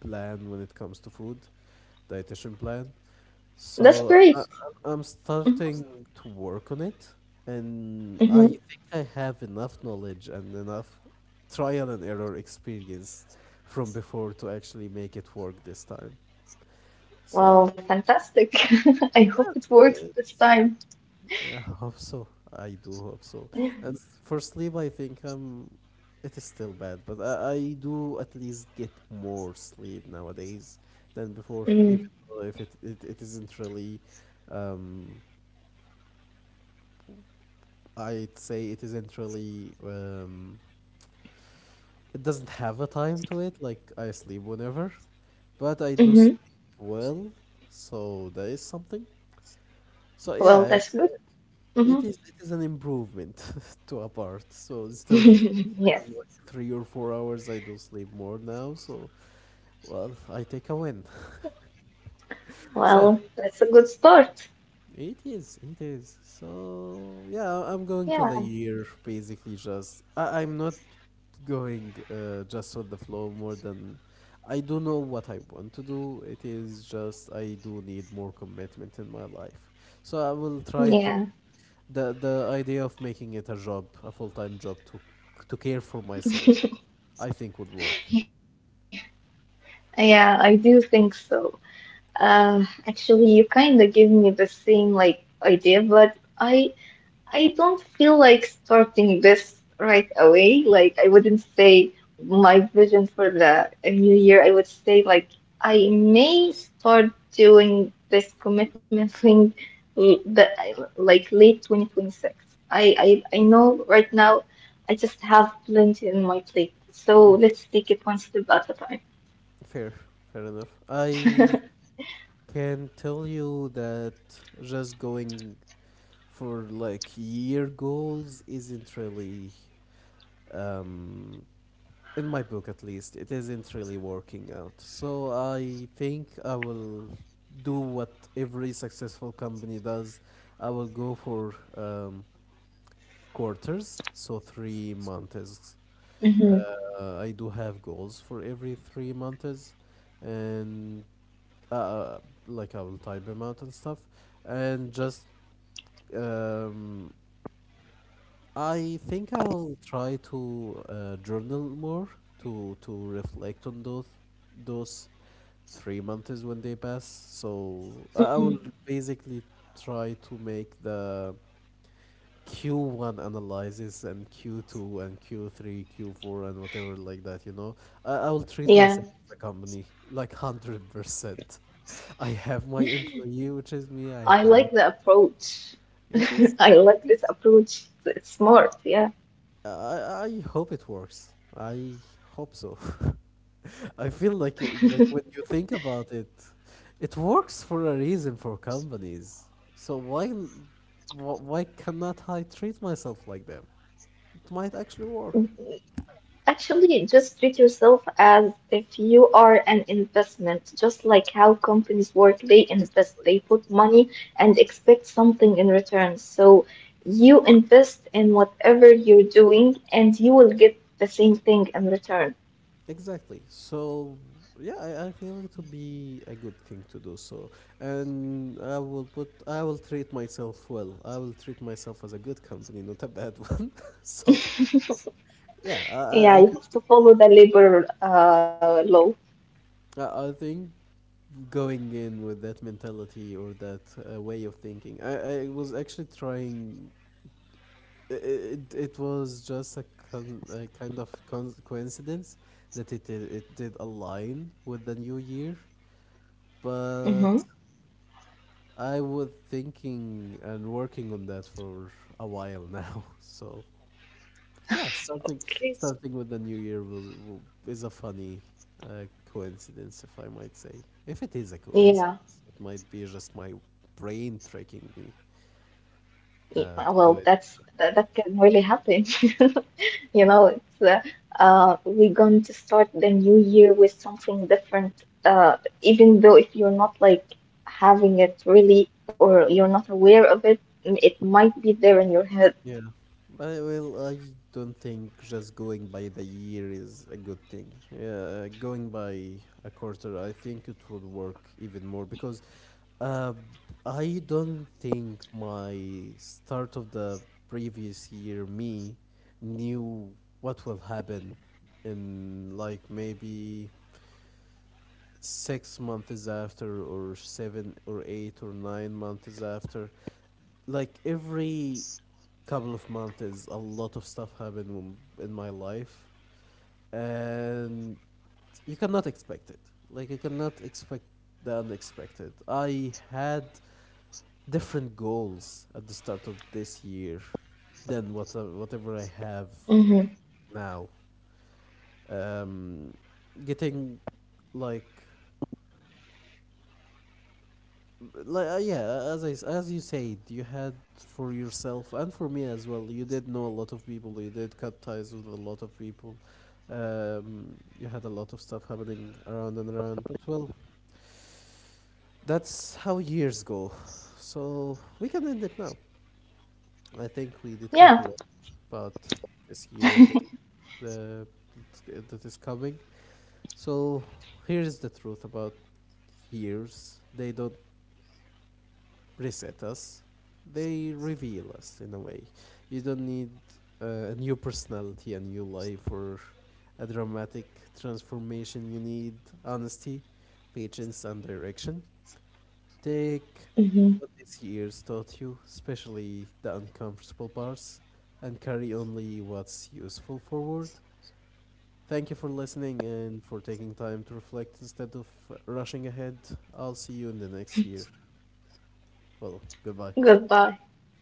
Speaker 1: plan when it comes to food, dietitian plan.
Speaker 2: That's
Speaker 1: So
Speaker 2: great.
Speaker 1: I'm
Speaker 2: Mhm.
Speaker 1: starting to work on it,
Speaker 2: Mhm.
Speaker 1: and I think I have enough knowledge and enough trial and error experience from before to actually make it work this time. So
Speaker 2: Well, fantastic. (laughs) I hope
Speaker 1: yeah,
Speaker 2: it works this
Speaker 1: that's
Speaker 2: time.
Speaker 1: yeah, (laughs) I hope so. I do hope so. And for sleep, I think it is still bad, but I do at least get more sleep nowadays than before,
Speaker 2: Mm.
Speaker 1: even though if it isn't really, um, I'd say it isn't really, it doesn't have a time to it. Like I sleep whenever, but I do sleep
Speaker 2: Mhm.
Speaker 1: well, so that is something. So
Speaker 2: Well,
Speaker 1: yeah,
Speaker 2: that's good.
Speaker 1: it
Speaker 2: Hmm.
Speaker 1: is, it is an improvement (laughs) to a part. So instead
Speaker 2: (laughs)
Speaker 1: of
Speaker 2: Yes.
Speaker 1: sleeping like 3 or 4 hours, I do sleep more now. So well, I take a win. (laughs) So yeah,
Speaker 2: Well, that's a good start.
Speaker 1: it is, it is. So yeah, I'm going to
Speaker 2: Yeah.
Speaker 1: the year basically just I'm not going just on the flow more than I do know what I want to do. It is just I do need more commitment in my life. So I will try to
Speaker 2: Yeah.
Speaker 1: the idea of making it a job, a full-time job to care for myself, I think would work.
Speaker 2: Yeah, I do think so. Actually, you kind of give me the same like idea, but I I don't feel like starting this right away. Like I wouldn't say my vision for the new year. I would say like I may start doing this commitment thing that like late 2026. I know right now I just have plenty in my plate. So
Speaker 1: Mm.
Speaker 2: let's take it one step at a time.
Speaker 1: Fair, fair enough. I can tell you that just going for like year goals isn't really um in my book, at least, it isn't really working out. So I think I will do what every successful company does. I will go for quarters, so 3 months.
Speaker 2: Hmm.
Speaker 1: I do have goals for every 3 months, and uh like I will type them out and stuff and just um I think I'll try to journal more to reflect on those those 3 months when they pass. So I will
Speaker 2: Hmm.
Speaker 1: basically try to make the Q1 analysis and Q2 and Q3, Q4 and whatever like that, you know. I will treat
Speaker 2: Yeah.
Speaker 1: myself as a company like 100%. (laughs) I have my employee, which is me. I
Speaker 2: I
Speaker 1: have.
Speaker 2: like the approach.
Speaker 1: It is,
Speaker 2: (laughs) I like this approach. It's smart, yeah.
Speaker 1: I I hope it works. I hope so. (laughs) I feel like like when you think about it, it works for a reason for companies. So why cannot I treat myself like them? It might actually work.
Speaker 2: Actually, just treat yourself as if you are an investment, just like how companies work. They invest,
Speaker 1: Exactly.
Speaker 2: they put money and expect something in return. So you invest in whatever you're doing and you will get the same thing in return.
Speaker 1: Exactly. So yeah, I feel it would be a good thing to do so. And I will treat myself well. I will treat myself as a good company, not a bad (laughs) one. So yeah,
Speaker 2: Yeah,
Speaker 1: I
Speaker 2: you
Speaker 1: think
Speaker 2: have to follow the labor law.
Speaker 1: I think going in with that mentality or that way of thinking, I was actually trying. It, it was just a, a kind of coincidence that it did align with the new year,
Speaker 2: Mm-hmm.
Speaker 1: but I was thinking and working on that for a while now. (laughs) So yeah, starting with the new year was is a funny coincidence, if I might say. If it is a
Speaker 2: Yeah.
Speaker 1: coincidence, it might be just my brain tricking me
Speaker 2: Yeah, well,
Speaker 1: to do it.
Speaker 2: that, that can really happen. (laughs) You know, it's we're going to start the new year with something different. Even though if you're not like having it really or you're not aware of it, it might be there in your head.
Speaker 1: Well, I don't think just going by the year is a good thing. Yeah, going by a quarter, I think it would work even more because uh, I don't think my start of the previous year me knew what will happen in like maybe 6 months after or 7 or 8 or 9 months after. Like every couple of months is a lot of stuff happened in my life, and you cannot expect it. Like you cannot expect the unexpected. I had different goals at the start of this year than what whatever I
Speaker 2: Mm-hmm.
Speaker 1: have now. um Getting like yeah, as as you said, you had for yourself, and for me as well, you did know a lot of people, you did cut ties with a lot of people. You had a lot of stuff happening around and around, but well, that's how years go. So we can end it now. I think we did talk a
Speaker 2: Yeah.
Speaker 1: lot about this year and the that is coming. So here's the truth about years: they don't preset us, they reveal us in a way. You don't need uh, a new personality, a new life, or a dramatic transformation. You need honesty, patience, and direction. Take what
Speaker 2: Mm-hmm.
Speaker 1: this year's taught you, especially the uncomfortable parts, and carry only what's useful forward. Thank you for listening and for taking time to reflect instead of rushing ahead. I'll see you in the next year. Well, goodbye.
Speaker 2: Goodbye.